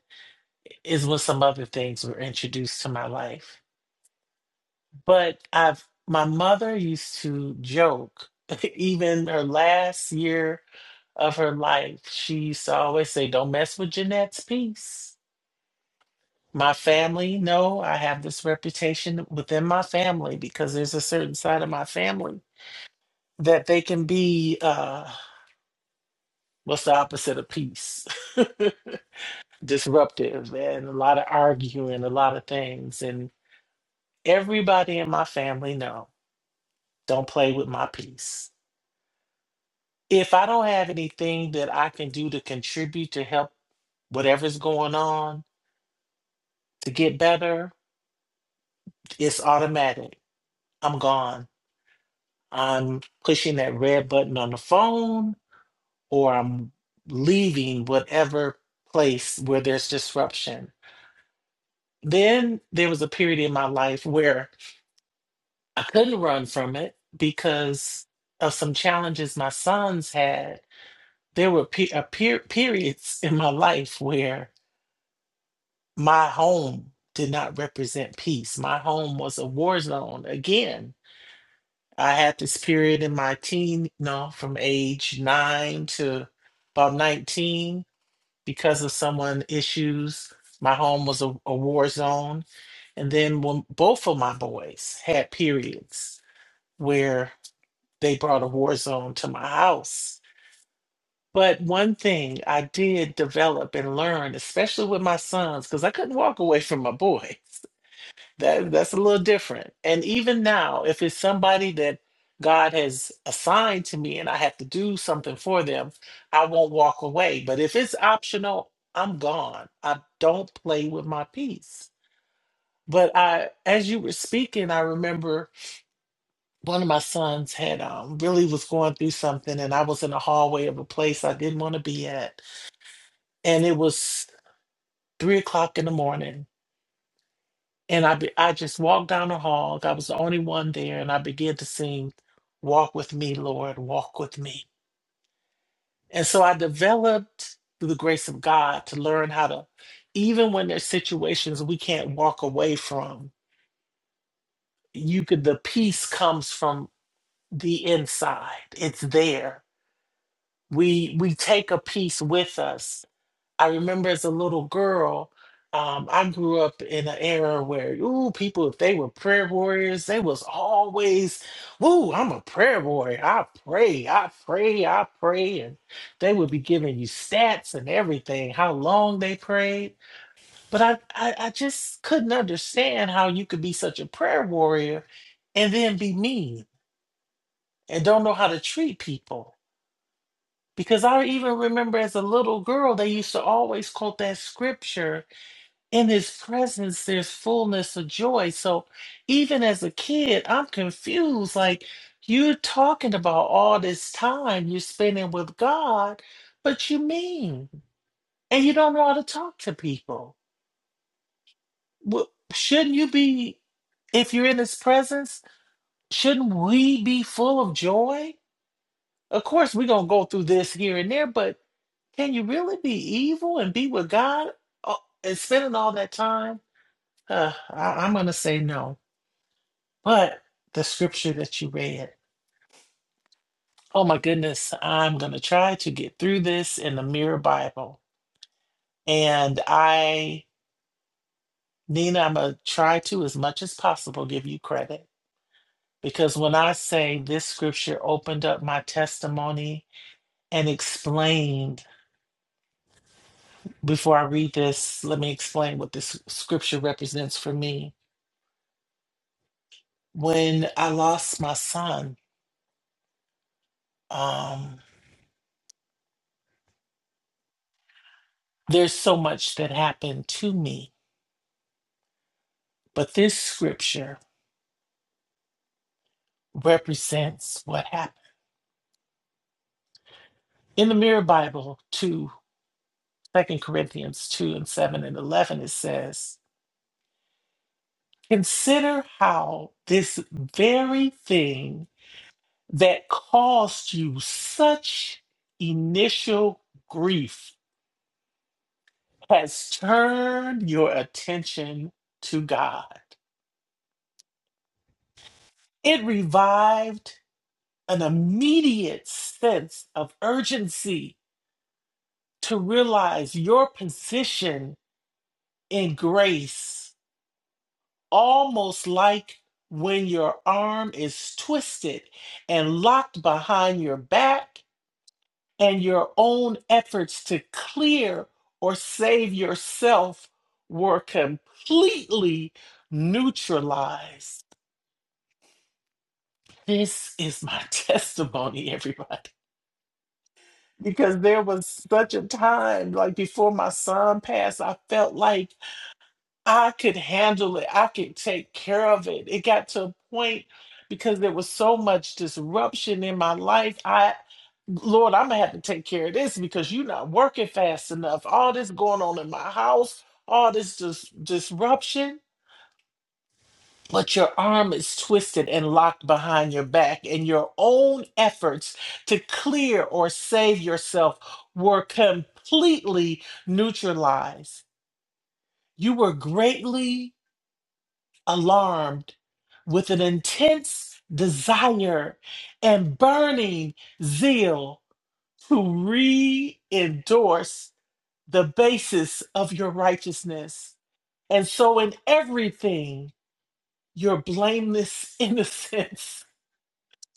Speaker 2: is when some other things were introduced to my life. But I've my mother used to joke, (laughs) even her last year of her life. She used to always say, Don't mess with Jeanette's peace. My family, no, I have this reputation within my family because there's a certain side of my family that they can be uh what's the opposite of peace? (laughs) Disruptive and a lot of arguing, a lot of things. And everybody in my family, no, don't play with my peace. If I don't have anything that I can do to contribute to help whatever's going on to get better, It's automatic. I'm gone. I'm pushing that red button on the phone or I'm leaving whatever place where there's disruption. Then there was a period in my life where I couldn't run from it because of some challenges my sons had. There were pe- a per- periods in my life where my home did not represent peace. My home was a war zone again I had this period in my teen, you know, from age nine to about 19 because of someone issues. My home was a, a war zone. And then when both of my boys had periods where they brought a war zone to my house. But one thing I did develop and learn, especially with my sons, because I couldn't walk away from my boys. That that's a little different. And even now, if it's somebody that God has assigned to me and I have to do something for them, I won't walk away. But if it's optional, I'm gone. I don't play with my peace. But I as you were speaking, I remember one of my sons had um really was going through something and I was in the hallway of a place I didn't want to be at. And it was three o'clock in the morning And I, be, I just walked down the hall. I was the only one there. And I began to sing, Walk with me, Lord, walk with me. And so I developed through the grace of God to learn how to, even when there's situations we can't walk away from, you could, the peace comes from the inside. It's there. We, we take a peace with us I remember as a little girl, um, I grew up in an era where, ooh, people, if they were prayer warriors, they was always, ooh, I'm a prayer warrior. I pray, I pray, I pray. And they would be giving you stats and everything, how long they prayed. But I, I, I just couldn't understand how you could be such a prayer warrior and then be mean and don't know how to treat people. Because I even remember as a little girl, they used to always quote that scripture in his presence there's fullness of joy so even as a kid i'm confused like you're talking about all this time you're spending with god but you mean and you don't know how to talk to people Wh- shouldn't you be if you're in his presence shouldn't we be full of joy of course we're going to go through this here and there but can you really be evil and be with god uh, and spending all that time uh, I, i'm going to say no But the scripture that you read, oh my goodness, I'm going to try to get through this in the Mirror Bible. And I, Nina, I'm going to try to, as much as possible, give you credit. Because when I say this scripture opened up my testimony and explained, before I read this, let me explain what this scripture represents for me. When I lost my son, um, there's so much that happened to me, but this scripture represents what happened. In the Mirror Bible, 2 2 Corinthians 2 and 7 and 11, it says, Consider how this very thing that caused you such initial grief has turned your attention to God. It revived an immediate sense of urgency to realize your position in grace almost like when your arm is twisted and locked behind your back, and your own efforts to clear or save yourself were completely neutralized. This is my (laughs) testimony, everybody, because there was such a time, like before my son passed, I felt like. I could handle it. I could take care of it. It got to a point because there was so much disruption in my life. I, Lord, I'm gonna have to take care of this because you're not working fast enough. All this going on in my house, all this dis- disruption, but your arm is twisted and locked behind your back, and your own efforts to clear or save yourself were completely neutralized. You were greatly alarmed with an intense desire and burning zeal to re endorse the basis of your righteousness. And so, in everything, your blameless (laughs) innocence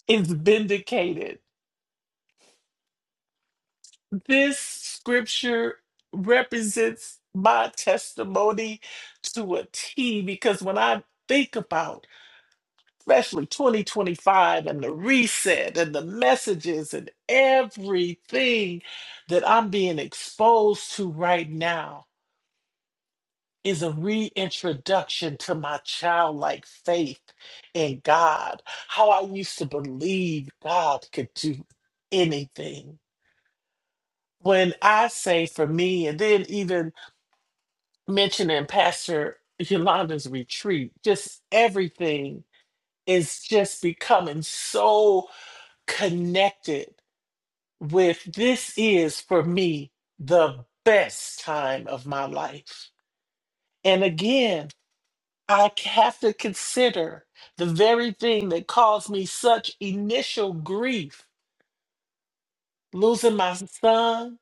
Speaker 2: is vindicated. This scripture represents my testimony to a T because when I think about especially 2025 and the reset and the messages and everything that I'm being exposed to right now is a reintroduction to my childlike faith in God, how I used to believe God could do anything. When I say for me, and then even mentioning Pastor Yolanda's retreat, just everything is just becoming so connected with this is for me the best time of my life. And again, I have to consider the very thing that caused me such initial grief losing my son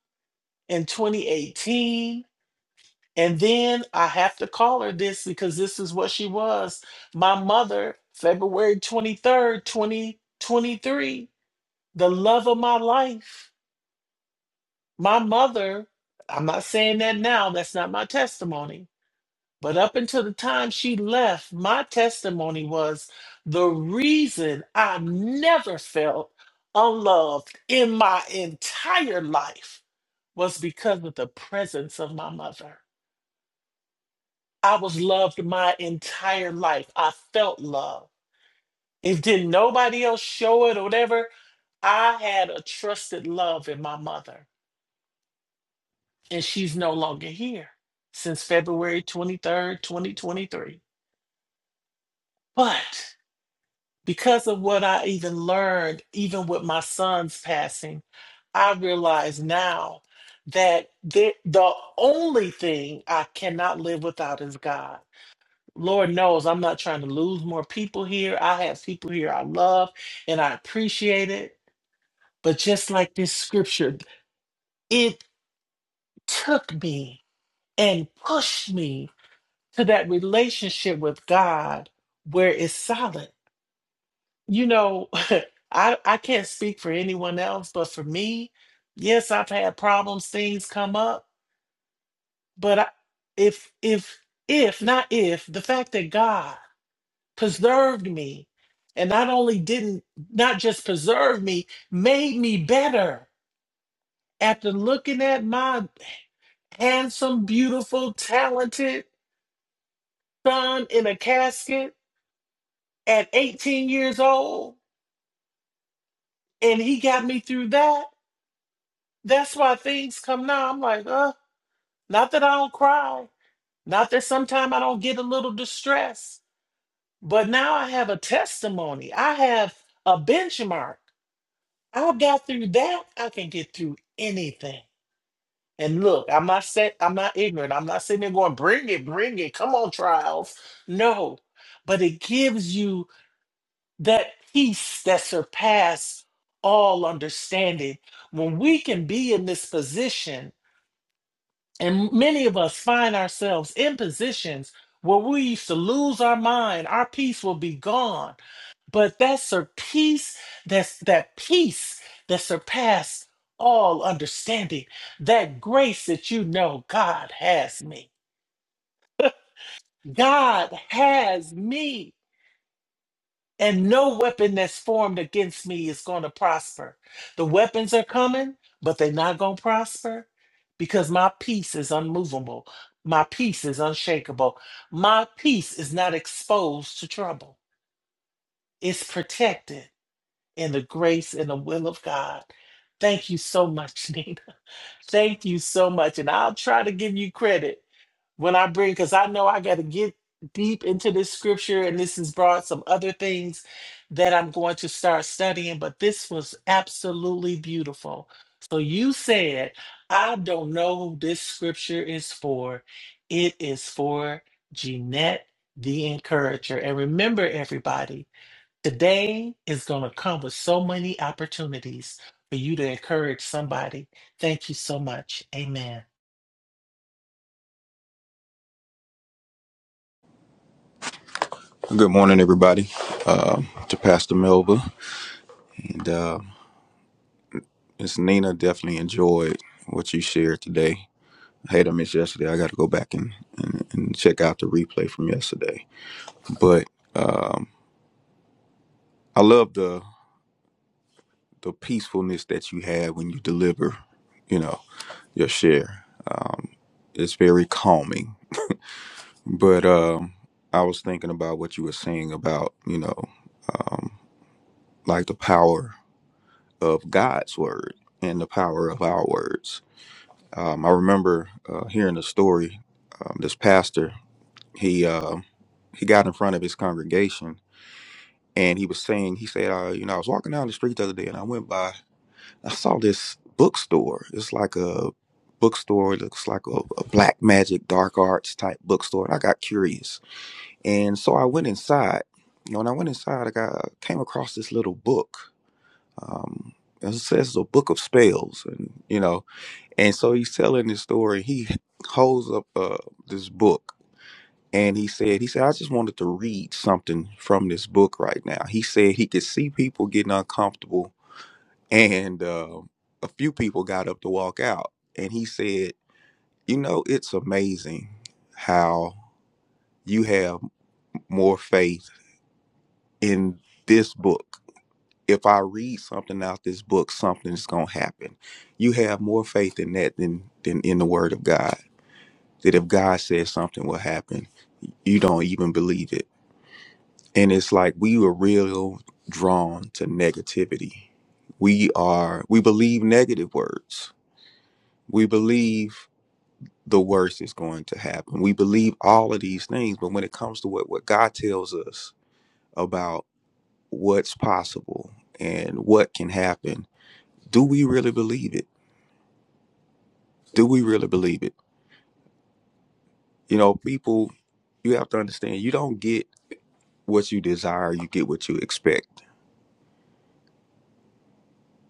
Speaker 2: in 2018. And then I have to call her this because this is what she was. My mother, February 23rd, 2023, the love of my life My mother, I'm not saying that now, that's not my testimony. But up until the time she left, my testimony was the reason I never felt unloved in my entire life was because of the presence of my mother. I was loved my entire life. I felt love. If didn't nobody else show it or whatever, I had a trusted love in my mother. and she's no longer here since February 23rd, 2023. But because of what I even learned, even with my son's passing, I realize now that the, the only thing I cannot live without is God. Lord knows I'm not trying to lose more people here. I have people here I love and I appreciate it. But just like this scripture, it took me and pushed me to that relationship with God where it's solid. You know, (laughs) I I can't speak for anyone else, but for me, yes, I've had problems, things come up, but I, if if if not if the fact that God preserved me and not only didn't not just preserve me, made me better after looking at my handsome, beautiful, talented son in a casket at 18 years old and he got me through that. That's why things come now. I'm like, uh, not that I don't cry, not that sometimes I don't get a little distressed, but now I have a testimony. I have a benchmark. I got through that. I can get through anything. And look, I'm not set. I'm not ignorant. I'm not sitting there going, bring it, bring it. Come on, trials. No, but it gives you that peace that surpass all understanding when we can be in this position and many of us find ourselves in positions where we used to lose our mind our peace will be gone but that's a peace that's that peace that surpass all understanding that grace that you know god has me (laughs) god has me and no weapon that's formed against me is going to prosper. The weapons are coming, but they're not going to prosper because my peace is unmovable. My peace is unshakable. My peace is not exposed to trouble. It's protected in the grace and the will of God. Thank you so much, (laughs) Nina. Thank you so much. And I'll try to give you credit when I bring, because I know I got to get deep into this scripture, and this has brought some other things that I'm going to start studying, but this was absolutely beautiful. So you said, I don't know who this scripture is for. It is for Jeanette the Encourager. And remember, everybody, today is going to come with so many opportunities for you to encourage somebody. Thank you so much. Amen.
Speaker 8: Good morning, everybody. Um, to Pastor Melva and uh, Miss Nina, definitely enjoyed what you shared today. I had to miss yesterday. I got to go back and, and, and check out the replay from yesterday. But I love the the peacefulness that you have when you deliver, you know, your share. Um, it's very calming. But um, I was thinking about what you were saying about, you know, um, like the power of God's word and the power of our words Um, I remember uh, hearing a story. Um, this pastor, he um he got in front of his congregation and he was saying, he said, uh, you know, I was walking down the street the other day and I went by, I saw this bookstore. It's like a bookstore. It looks like a, a black magic, dark arts type bookstore. And I got curious, and so I went inside. You know, when I went inside, I got came across this little book. Um, it says it's a book of spells, and you know. And so he's telling this story. He holds up uh, this book and he said, he said, I just wanted to read something from this book right now. He said he could see people getting uncomfortable and uh, a few people got up to walk out. And he said, you know, it's amazing how you have more faith in this book. If I read something out this book, something's going to happen. You have more faith in that than, than in the word of God. that if God says something will happen, you don't even believe it. And it's like we were real drawn to negativity. We are, we believe negative words. We believe the worst is going to happen. We believe all of these things. But when it comes to what, what God tells us about what's possible and what can happen, do we really believe it? Do we really believe it? You know, people, you have to understand you don't get what you desire, you get what you expect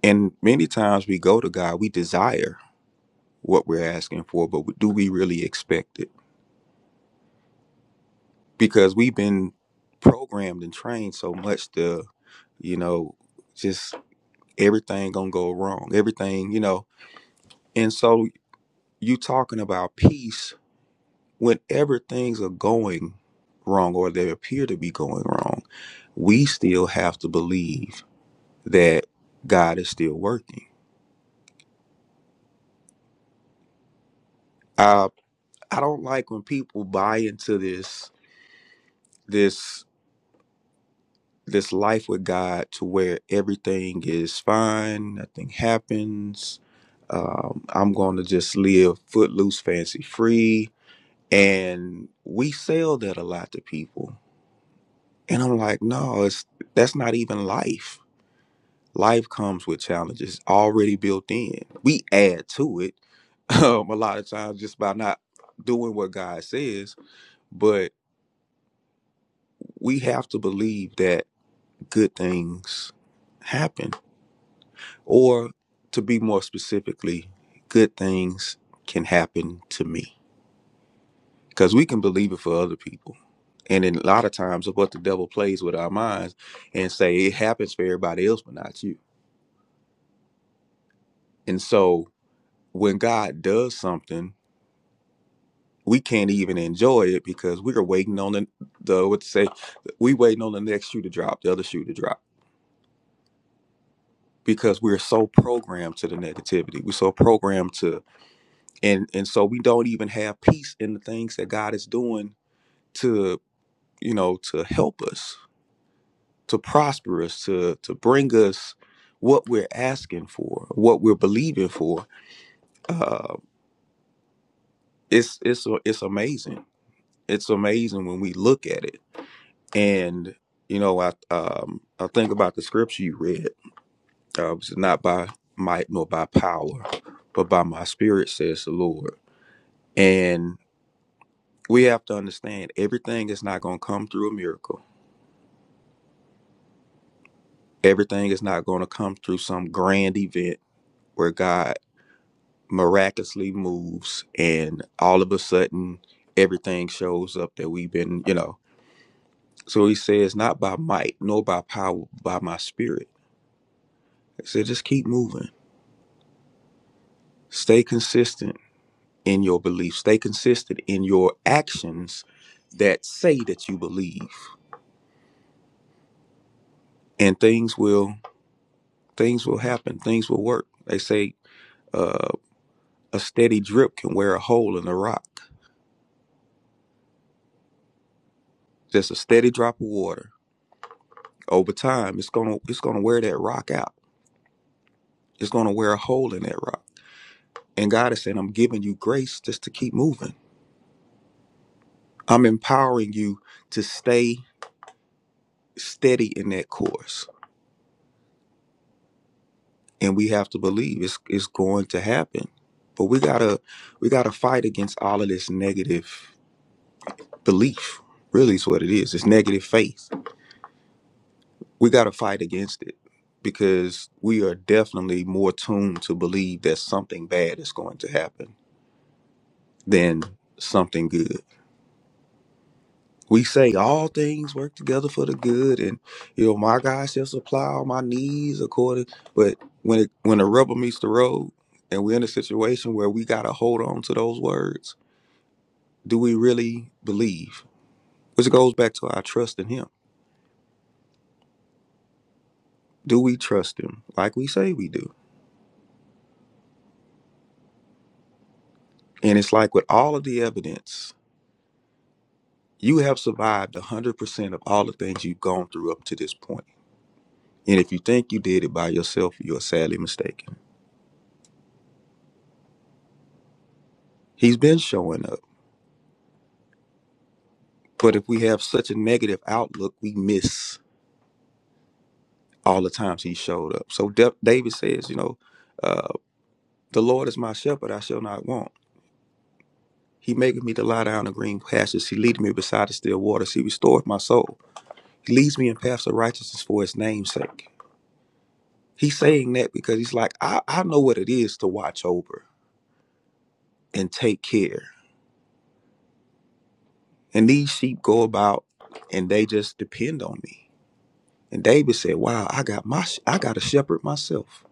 Speaker 8: And many times we go to God, we desire what we're asking for, but do we really expect it? Because we've been programmed and trained so much to, you know, just everything gonna go wrong, everything, you know. And so you talking about peace whenever things are going wrong or they appear to be going wrong, we still have to believe that God is still working. Uh, I don't like when people buy into this this this life with God to where everything is fine, nothing happens. Um, I'm going to just live footloose, fancy free, and we sell that a lot to people. And I'm like, no, it's that's not even life. Life comes with challenges already built in. We add to it (laughs) um, a lot of times just by not doing what God says, but we have to believe that good things happen Or to be more specifically, good things can happen to me. Because we can believe it for other people. And in a lot of times, what the devil plays with our minds and say it happens for everybody else, but not you. And so when God does something, we can't even enjoy it because we are waiting on the, the what to say, we waiting on the next shoe to drop, the other shoe to drop, because we're so programmed to the negativity. We're so programmed to, and and so we don't even have peace in the things that God is doing to you know to help us to prosper us to to bring us what we're asking for what we're believing for uh it's it's it's amazing it's amazing when we look at it and you know i um i think about the scripture you read uh which is not by might nor by power but by my spirit says the lord and we have to understand everything is not going to come through a miracle everything is not going to come through some grand event where god miraculously moves and all of a sudden everything shows up that we've been you know so he says not by might nor by power by my spirit i said just keep moving stay consistent in your beliefs, stay consistent in your actions that say that you believe and things will things will happen things will work they say uh, a steady drip can wear a hole in a rock just a steady drop of water over time it's gonna it's gonna wear that rock out Is going to wear a hole in that rock. And God is saying, I'm giving you grace just to keep moving. I'm empowering you to stay steady in that course. And we have to believe it's, it's going to happen. But we gotta we gotta fight against all of this negative belief. Really is what it is. It's negative faith. We gotta fight against it because we are definitely more tuned to believe that something bad is going to happen than something good we say all things work together for the good and you know my god shall supply all my needs according but when it when the rubber meets the road and we're in a situation where we gotta hold on to those words do we really believe which goes back to our trust in him do we trust him like we say we do and it's like with all of the evidence you have survived 100% of all the things you've gone through up to this point point. and if you think you did it by yourself you're sadly mistaken he's been showing up But if we have such a negative outlook, we miss all the times he showed up. So Da- David says, you know, uh, the Lord is my shepherd, I shall not want. He maketh me to lie down in green pastures. He leadeth me beside the still waters. He restoreth my soul. He leads me in paths of righteousness for his name's sake. He's saying that because he's like, I, I know what it is to watch over and take care. And these sheep go about and they just depend on me. And David said, Wow, I got my sh- I got a shepherd myself.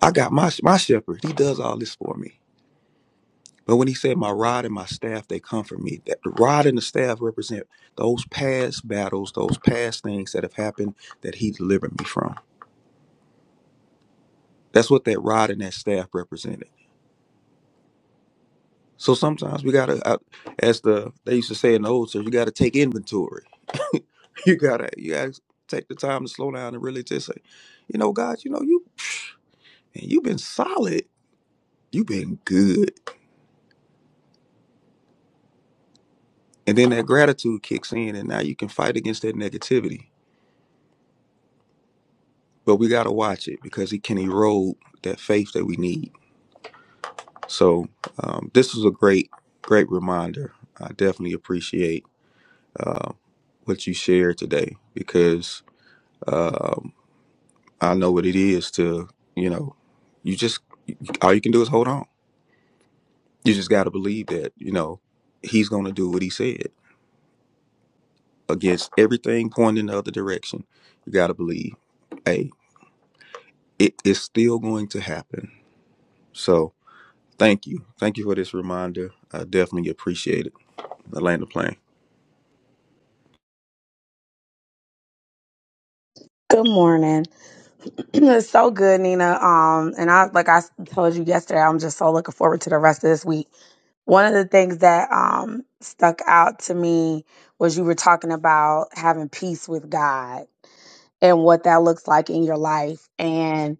Speaker 8: I got my my shepherd. He does all this for me. But when he said, "My rod and my staff, they comfort me," that the rod and the staff represent those past battles, those past things that have happened that he delivered me from. That's what that rod and that staff represented. So sometimes we gotta, uh, as the they used to say in the old church, you gotta take inventory. (laughs) you gotta you gotta take the time to slow down and really just say, you know, God, you know you, man, you've been solid. You've been good And then that gratitude kicks in, and now you can fight against that negativity. But we got to watch it because it can erode that faith that we need. So um, this was a great, great reminder. I definitely appreciate uh, what you shared today because um, I know what it is to, you know, you just all you can do is hold on. You just got to believe that you know he's going to do what he said against everything pointing the other direction. You got to believe. hey. it is still going to happen. So thank you. Thank you for this reminder. I definitely appreciate it. I land the plane.
Speaker 9: Good morning. (clears throat) it's so good, Nina. Um, and I like I told you yesterday, I'm just so looking forward to the rest of this week. One of the things that um stuck out to me was you were talking about having peace with God and what that looks like in your life. And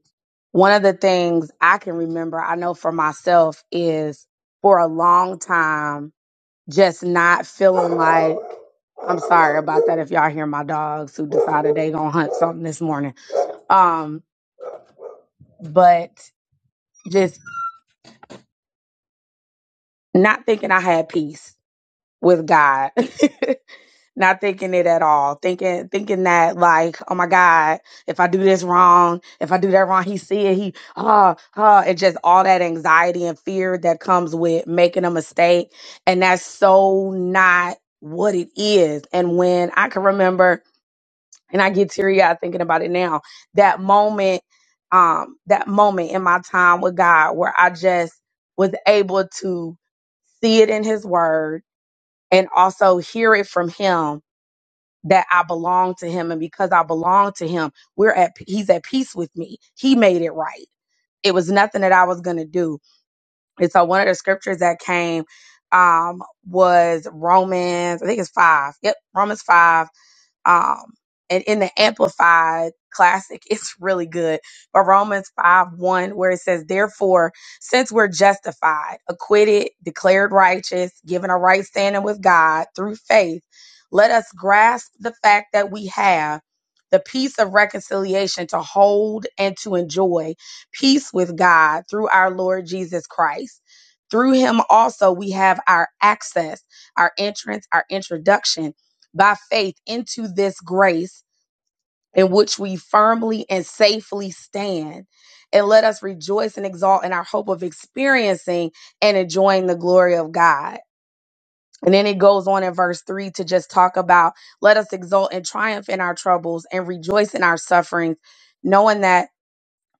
Speaker 9: one of the things I can remember, I know for myself, is for a long time just not feeling like I'm sorry about that if y'all hear my dogs who decided they gonna hunt something this morning um, but just not thinking I had peace with God, (laughs) not thinking it at all, thinking thinking that like, oh my God, if I do this wrong, if I do that wrong, he see it, he ah ah, and just all that anxiety and fear that comes with making a mistake, and that's so not what it is. And when I can remember and I get teary eyed thinking about it now. That moment, um, that moment in my time with God where I just was able to see it in His Word and also hear it from Him that I belong to Him, and because I belong to Him, we're at He's at peace with me. He made it right. It was nothing that I was gonna do. And so one of the scriptures that came um was Romans, I think it's five. Yep, Romans five um and in the amplified classic (laughs) it's really good but romans 5 1 where it says therefore since we're justified acquitted declared righteous given a right standing with god through faith let us grasp the fact that we have the peace of reconciliation to hold and to enjoy peace with god through our lord jesus christ through him also we have our access our entrance our introduction by faith into this grace in which we firmly and safely stand. And let us rejoice and exalt in our hope of experiencing and enjoying the glory of God. And then it goes on in verse 3 to just talk about let us exult and triumph in our troubles and rejoice in our sufferings, knowing that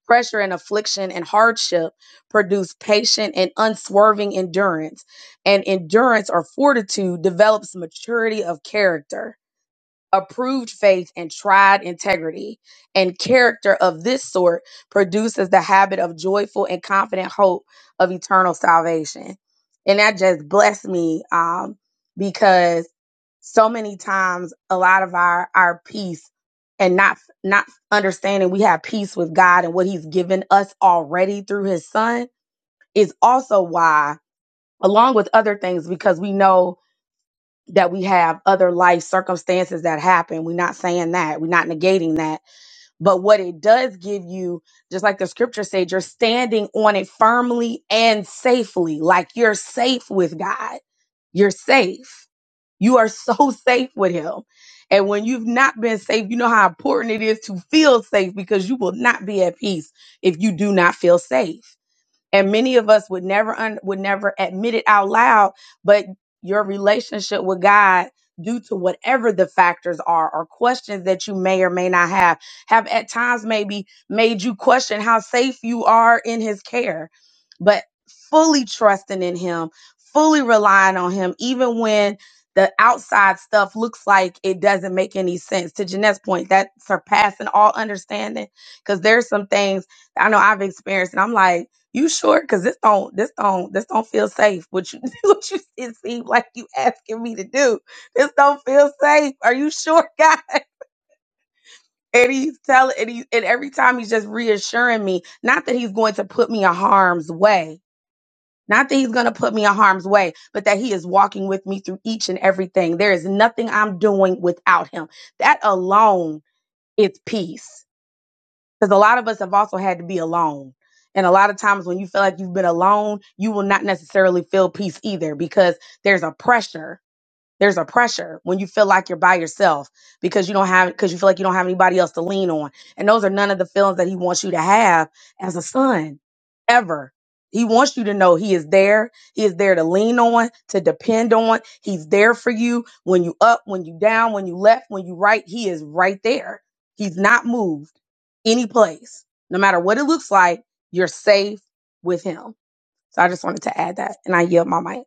Speaker 9: pressure and affliction and hardship produce patient and unswerving endurance. And endurance or fortitude develops maturity of character approved faith and tried integrity and character of this sort produces the habit of joyful and confident hope of eternal salvation and that just blessed me um, because so many times a lot of our our peace and not not understanding we have peace with god and what he's given us already through his son is also why along with other things because we know that we have other life circumstances that happen. We're not saying that. We're not negating that. But what it does give you, just like the scripture said, you're standing on it firmly and safely. Like you're safe with God. You're safe. You are so (laughs) safe with Him. And when you've not been safe, you know how important it is to feel safe because you will not be at peace if you do not feel safe and many of us would never un- would never admit it out loud but your relationship with god due to whatever the factors are or questions that you may or may not have have at times maybe made you question how safe you are in his care but fully trusting in him fully relying on him even when the outside stuff looks like it doesn't make any sense to Jeanette's point that surpassing all understanding because there's some things I know I've experienced and I'm like you sure? Cause this don't this don't this don't feel safe. What you (laughs) what you it seem like you asking me to do. This don't feel safe. Are you sure, God? (laughs) And he's telling and he and every time he's just reassuring me, not that he's going to put me in harm's way. Not that he's going to put me in harm's way, but that he is walking with me through each and everything. There is nothing I'm doing without him. That alone is peace Because a lot of us have also had to be alone. And a lot of times when you feel like you've been alone, you will not necessarily feel peace either because there's a pressure there's a pressure when you feel like you're by yourself because you don't have because you feel like you don't have anybody else to lean on. And those are none of the feelings that he wants you to have as a son ever. He wants you to know he is there. He is there to lean on, to depend on. He's there for you when you up, when you down, when you left, when you right. He is right there. He's not moved any place. No matter what it looks like, you're safe with him. So I just wanted to add that and I yield my mic.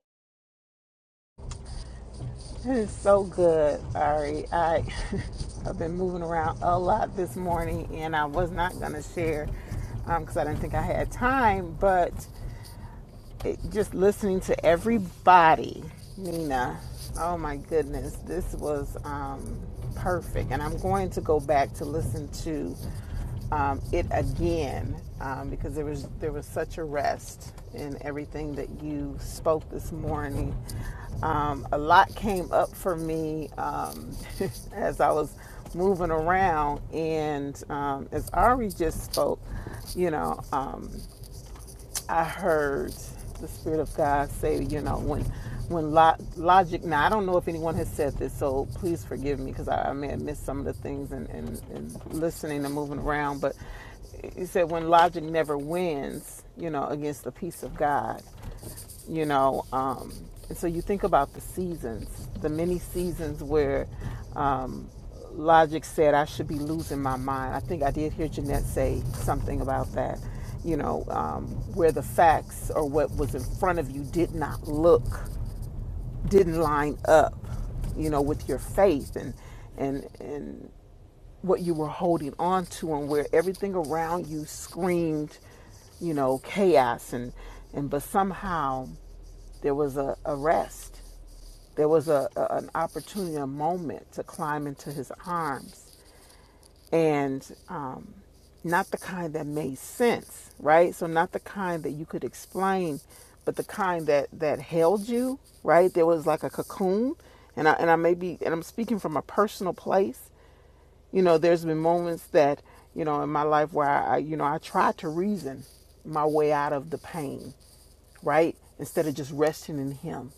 Speaker 3: It is so good. Sorry, I (laughs) I've been moving around a lot this morning, and I was not gonna share because I didn't think I had time, but. it, just listening to everybody, Nina. Oh my goodness, this was um, perfect, and I'm going to go back to listen to um, it again um, because there was there was such a rest in everything that you spoke this morning. Um, a lot came up for me um, (laughs) as I was moving around, and um, as Ari just spoke, you know. um, I heard the Spirit of God say, you know, when when lo- logic. Now I don't know if anyone has said this, so please forgive me because I, I may have missed some of the things and and, and listening and moving around. But he said when logic never wins, you know, against the peace of God you know um, and so you think about the seasons the many seasons where um, logic said i should be losing my mind i think i did hear jeanette say something about that you know um, where the facts or what was in front of you did not look didn't line up you know with your faith and and and what you were holding on to and where everything around you screamed, you know, chaos and and but somehow there was a, a rest. There was a, a an opportunity, a moment to climb into his arms. And um not the kind that made sense, right? So not the kind that you could explain, but the kind that that held you, right? There was like a cocoon, and I and I may be and I'm speaking from a personal place, you know there's been moments that you know in my life where i you know i tried to reason my way out of the pain right instead of just resting in him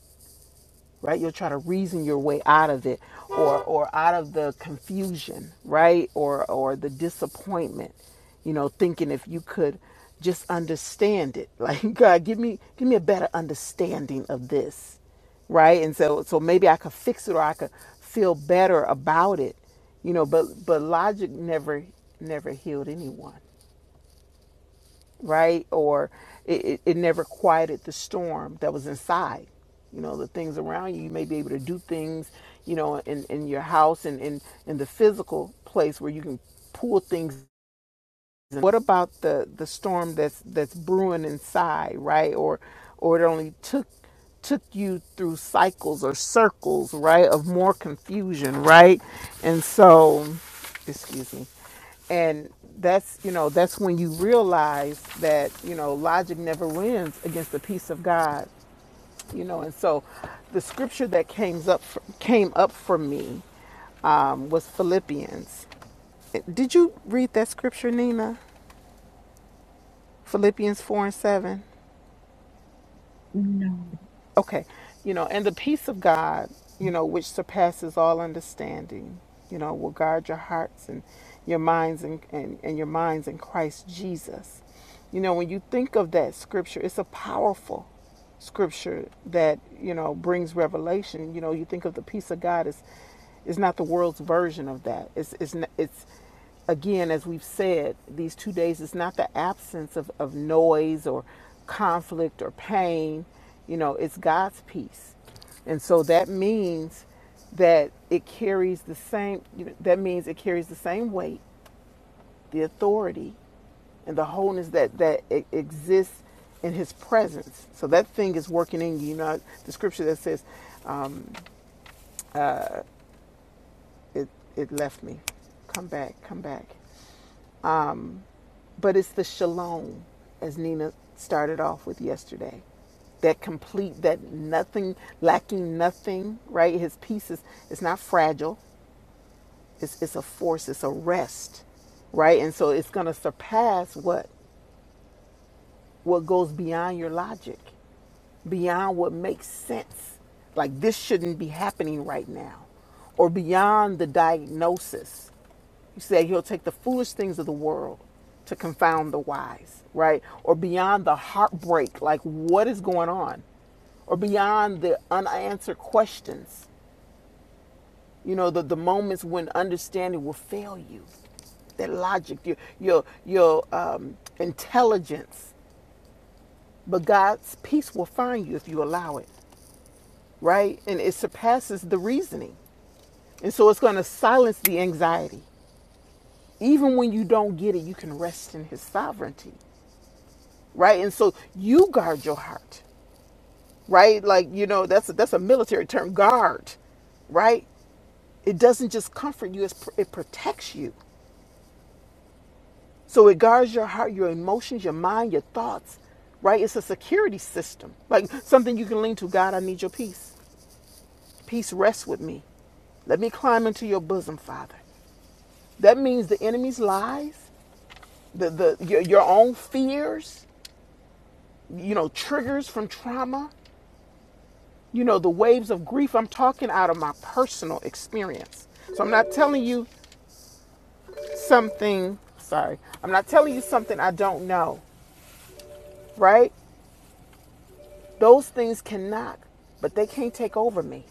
Speaker 3: right you'll try to reason your way out of it or or out of the confusion right or or the disappointment you know thinking if you could just understand it (laughs) like god give me give me a better understanding of this right and so so maybe i could fix it or i could feel better about it you know but but logic never never healed anyone right? Or it, it, it never quieted the storm that was inside. You know, the things around you, you may be able to do things, you know, in, in your house and in, in the physical place where you can pull things what about the the storm that's that's brewing inside, right? Or or it only took took you through cycles or circles, right, of more confusion, right? And so, excuse me. And that's, you know, that's when you realize that, you know, logic never wins against the peace of God, you know. And so the scripture that came up came up for me um, was Philippians. Did you read that scripture, Nina? Philippians 4 and 7.
Speaker 5: No.
Speaker 3: Okay. You know, and the peace of God, you know, which surpasses all understanding, you know, will guard your hearts and your minds and, and, and your minds in Christ Jesus. You know, when you think of that scripture, it's a powerful scripture that, you know, brings revelation. You know, you think of the peace of God as is not the world's version of that. It's it's n- it's again, as we've said, these two days is not the absence of, of noise or conflict or pain. You know, it's God's peace. And so that means that it carries the same, you know, that means it carries the same weight, the authority, and the wholeness that, that e- exists in his presence. So that thing is working in you. You know, the scripture that says, uh, it, it left me. Come back, come back. But it's the shalom, as Nina started off with yesterday. That complete, that nothing, lacking nothing, right? His peace is, it's not fragile. It's, it's a force. It's a rest, right? And so it's going to surpass what? What goes beyond your logic beyond what makes sense. Like this shouldn't be happening right now, or beyond the diagnosis. You say he'll take the foolish things of the world to confound the wise, right? Or beyond the heartbreak, like what is going on? Or beyond the unanswered questions, you know, the, the moments when understanding will fail you. That logic, your your your um, intelligence, but God's peace will find you if you allow it. right? And it surpasses the reasoning. And so it's going to silence the anxiety. Even when you don't get it, you can rest in his sovereignty, right? And so you guard your heart, right? Like, you know, that's a, that's a military term, guard, right? It doesn't just comfort you, it's, it protects you. So it guards your heart, your emotions, your mind, your thoughts, right? It's a security system, like something you can lean to. God, I need your peace. Peace, rest with me. Let me climb into your bosom, Father. That means the enemy's lies, the, the your, your own fears, you know, triggers from trauma, you know, the waves of grief. I'm talking out of my personal experience. So I'm not telling you something, sorry, I'm not telling you something I don't know, right? Those things can knock, but they can't take over me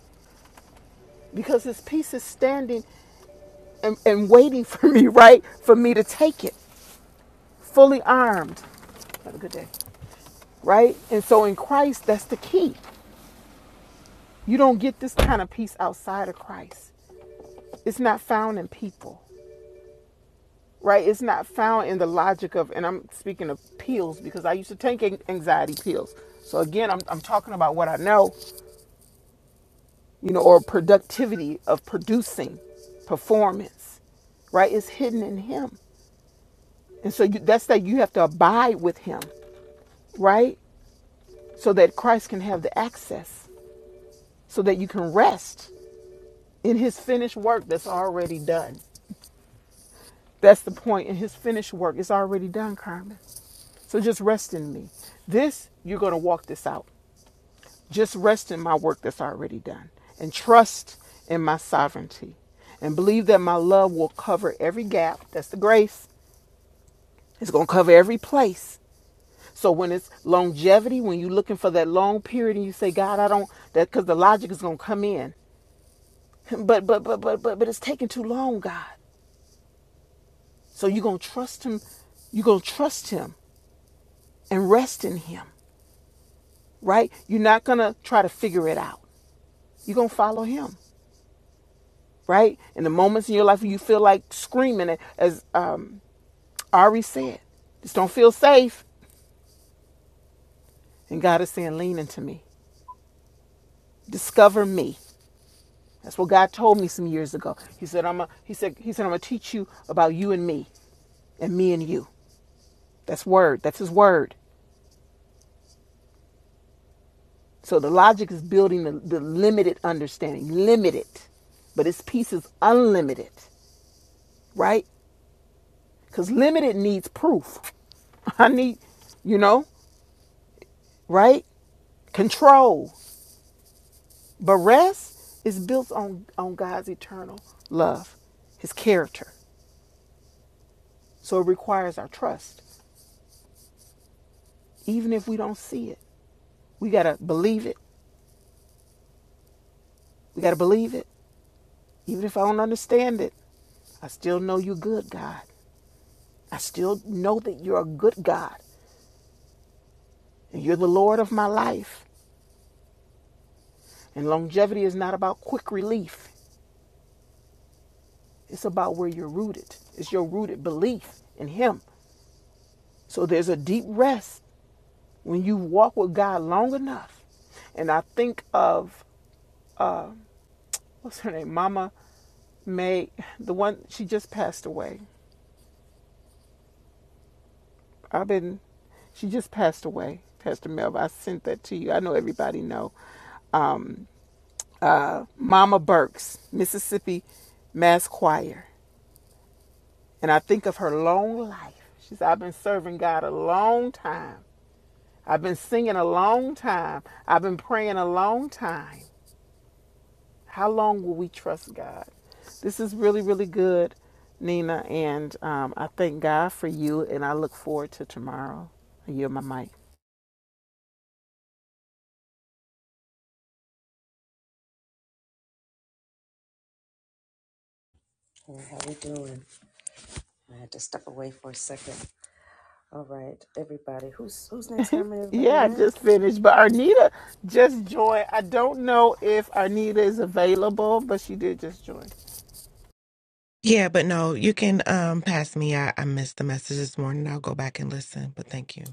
Speaker 3: because his peace is standing and, and waiting for me, (laughs) right? For me to take it, fully armed. Have a good day. Right? And so in Christ, that's the key. You don't get this kind of peace outside of Christ. It's not found in people, right? It's not found in the logic of, and I'm speaking of pills because I used to take anxiety pills. So again, I'm, I'm talking about what I know, you know, or productivity of producing performance, right? It's hidden in Him. And so you, that's that you have to abide with Him, right? So that Christ can have the access, so that you can rest in His finished work that's already done. That's the point. And his finished work is already done, Carmen. So just rest in me. This, you're going to walk this out. Just rest in my work that's already done and trust in my sovereignty and believe that my love will cover every gap. That's the grace. It's going to cover every place. So when it's longevity, when you're looking for that long period and you say, God, I don't, that because the logic is going to come in. (laughs) But, but, but, but, but, but it's taking too long, God. So you're going to trust him. You're going to trust him and rest in him right? You're not gonna try to figure it out. You're gonna follow him, right? In the moments in your life where you feel like screaming, and as um, Ari said, just don't feel safe. And God is saying, lean into me, discover me. That's what God told me some years ago. He said, I'm a, he said, he said, I'm gonna teach you about you and me, and me and you. That's word. That's his word. So the logic is building the, the limited understanding, limited, but his peace is unlimited, right? Because limited needs proof. (laughs) I need, you know, right? Control. But rest is built on, on God's eternal love, his character. So it requires our trust. Even if we don't see it, we got to believe it. We got to believe it. Even if I don't understand it, I still know you're good, God. I still know that you're a good God and you're the Lord of my life. And longevity is not about quick relief. It's about where you're rooted. It's your rooted belief in Him. So there's a deep rest when you walk with God long enough. And I think of what's her name, Mama May, the one she just passed away. I've been, she just passed away, Pastor Melv. I sent that to you. I know everybody know. Uh, Mama Burks, Mississippi Mass Choir, and I think of her long life. She said, "I've been serving God a long time." I've been singing a long time. I've been praying a long time. How long will we trust God? This is really, really good, Nina. And um, I thank God for you. And I look forward to tomorrow. I yield my mic. Yeah, I just finished. But Arnita just joined. I don't know if Arnita is available, but she did just join.
Speaker 10: Yeah, but no, you can um pass me. I, I missed the message this morning. I'll go back and listen, but thank you.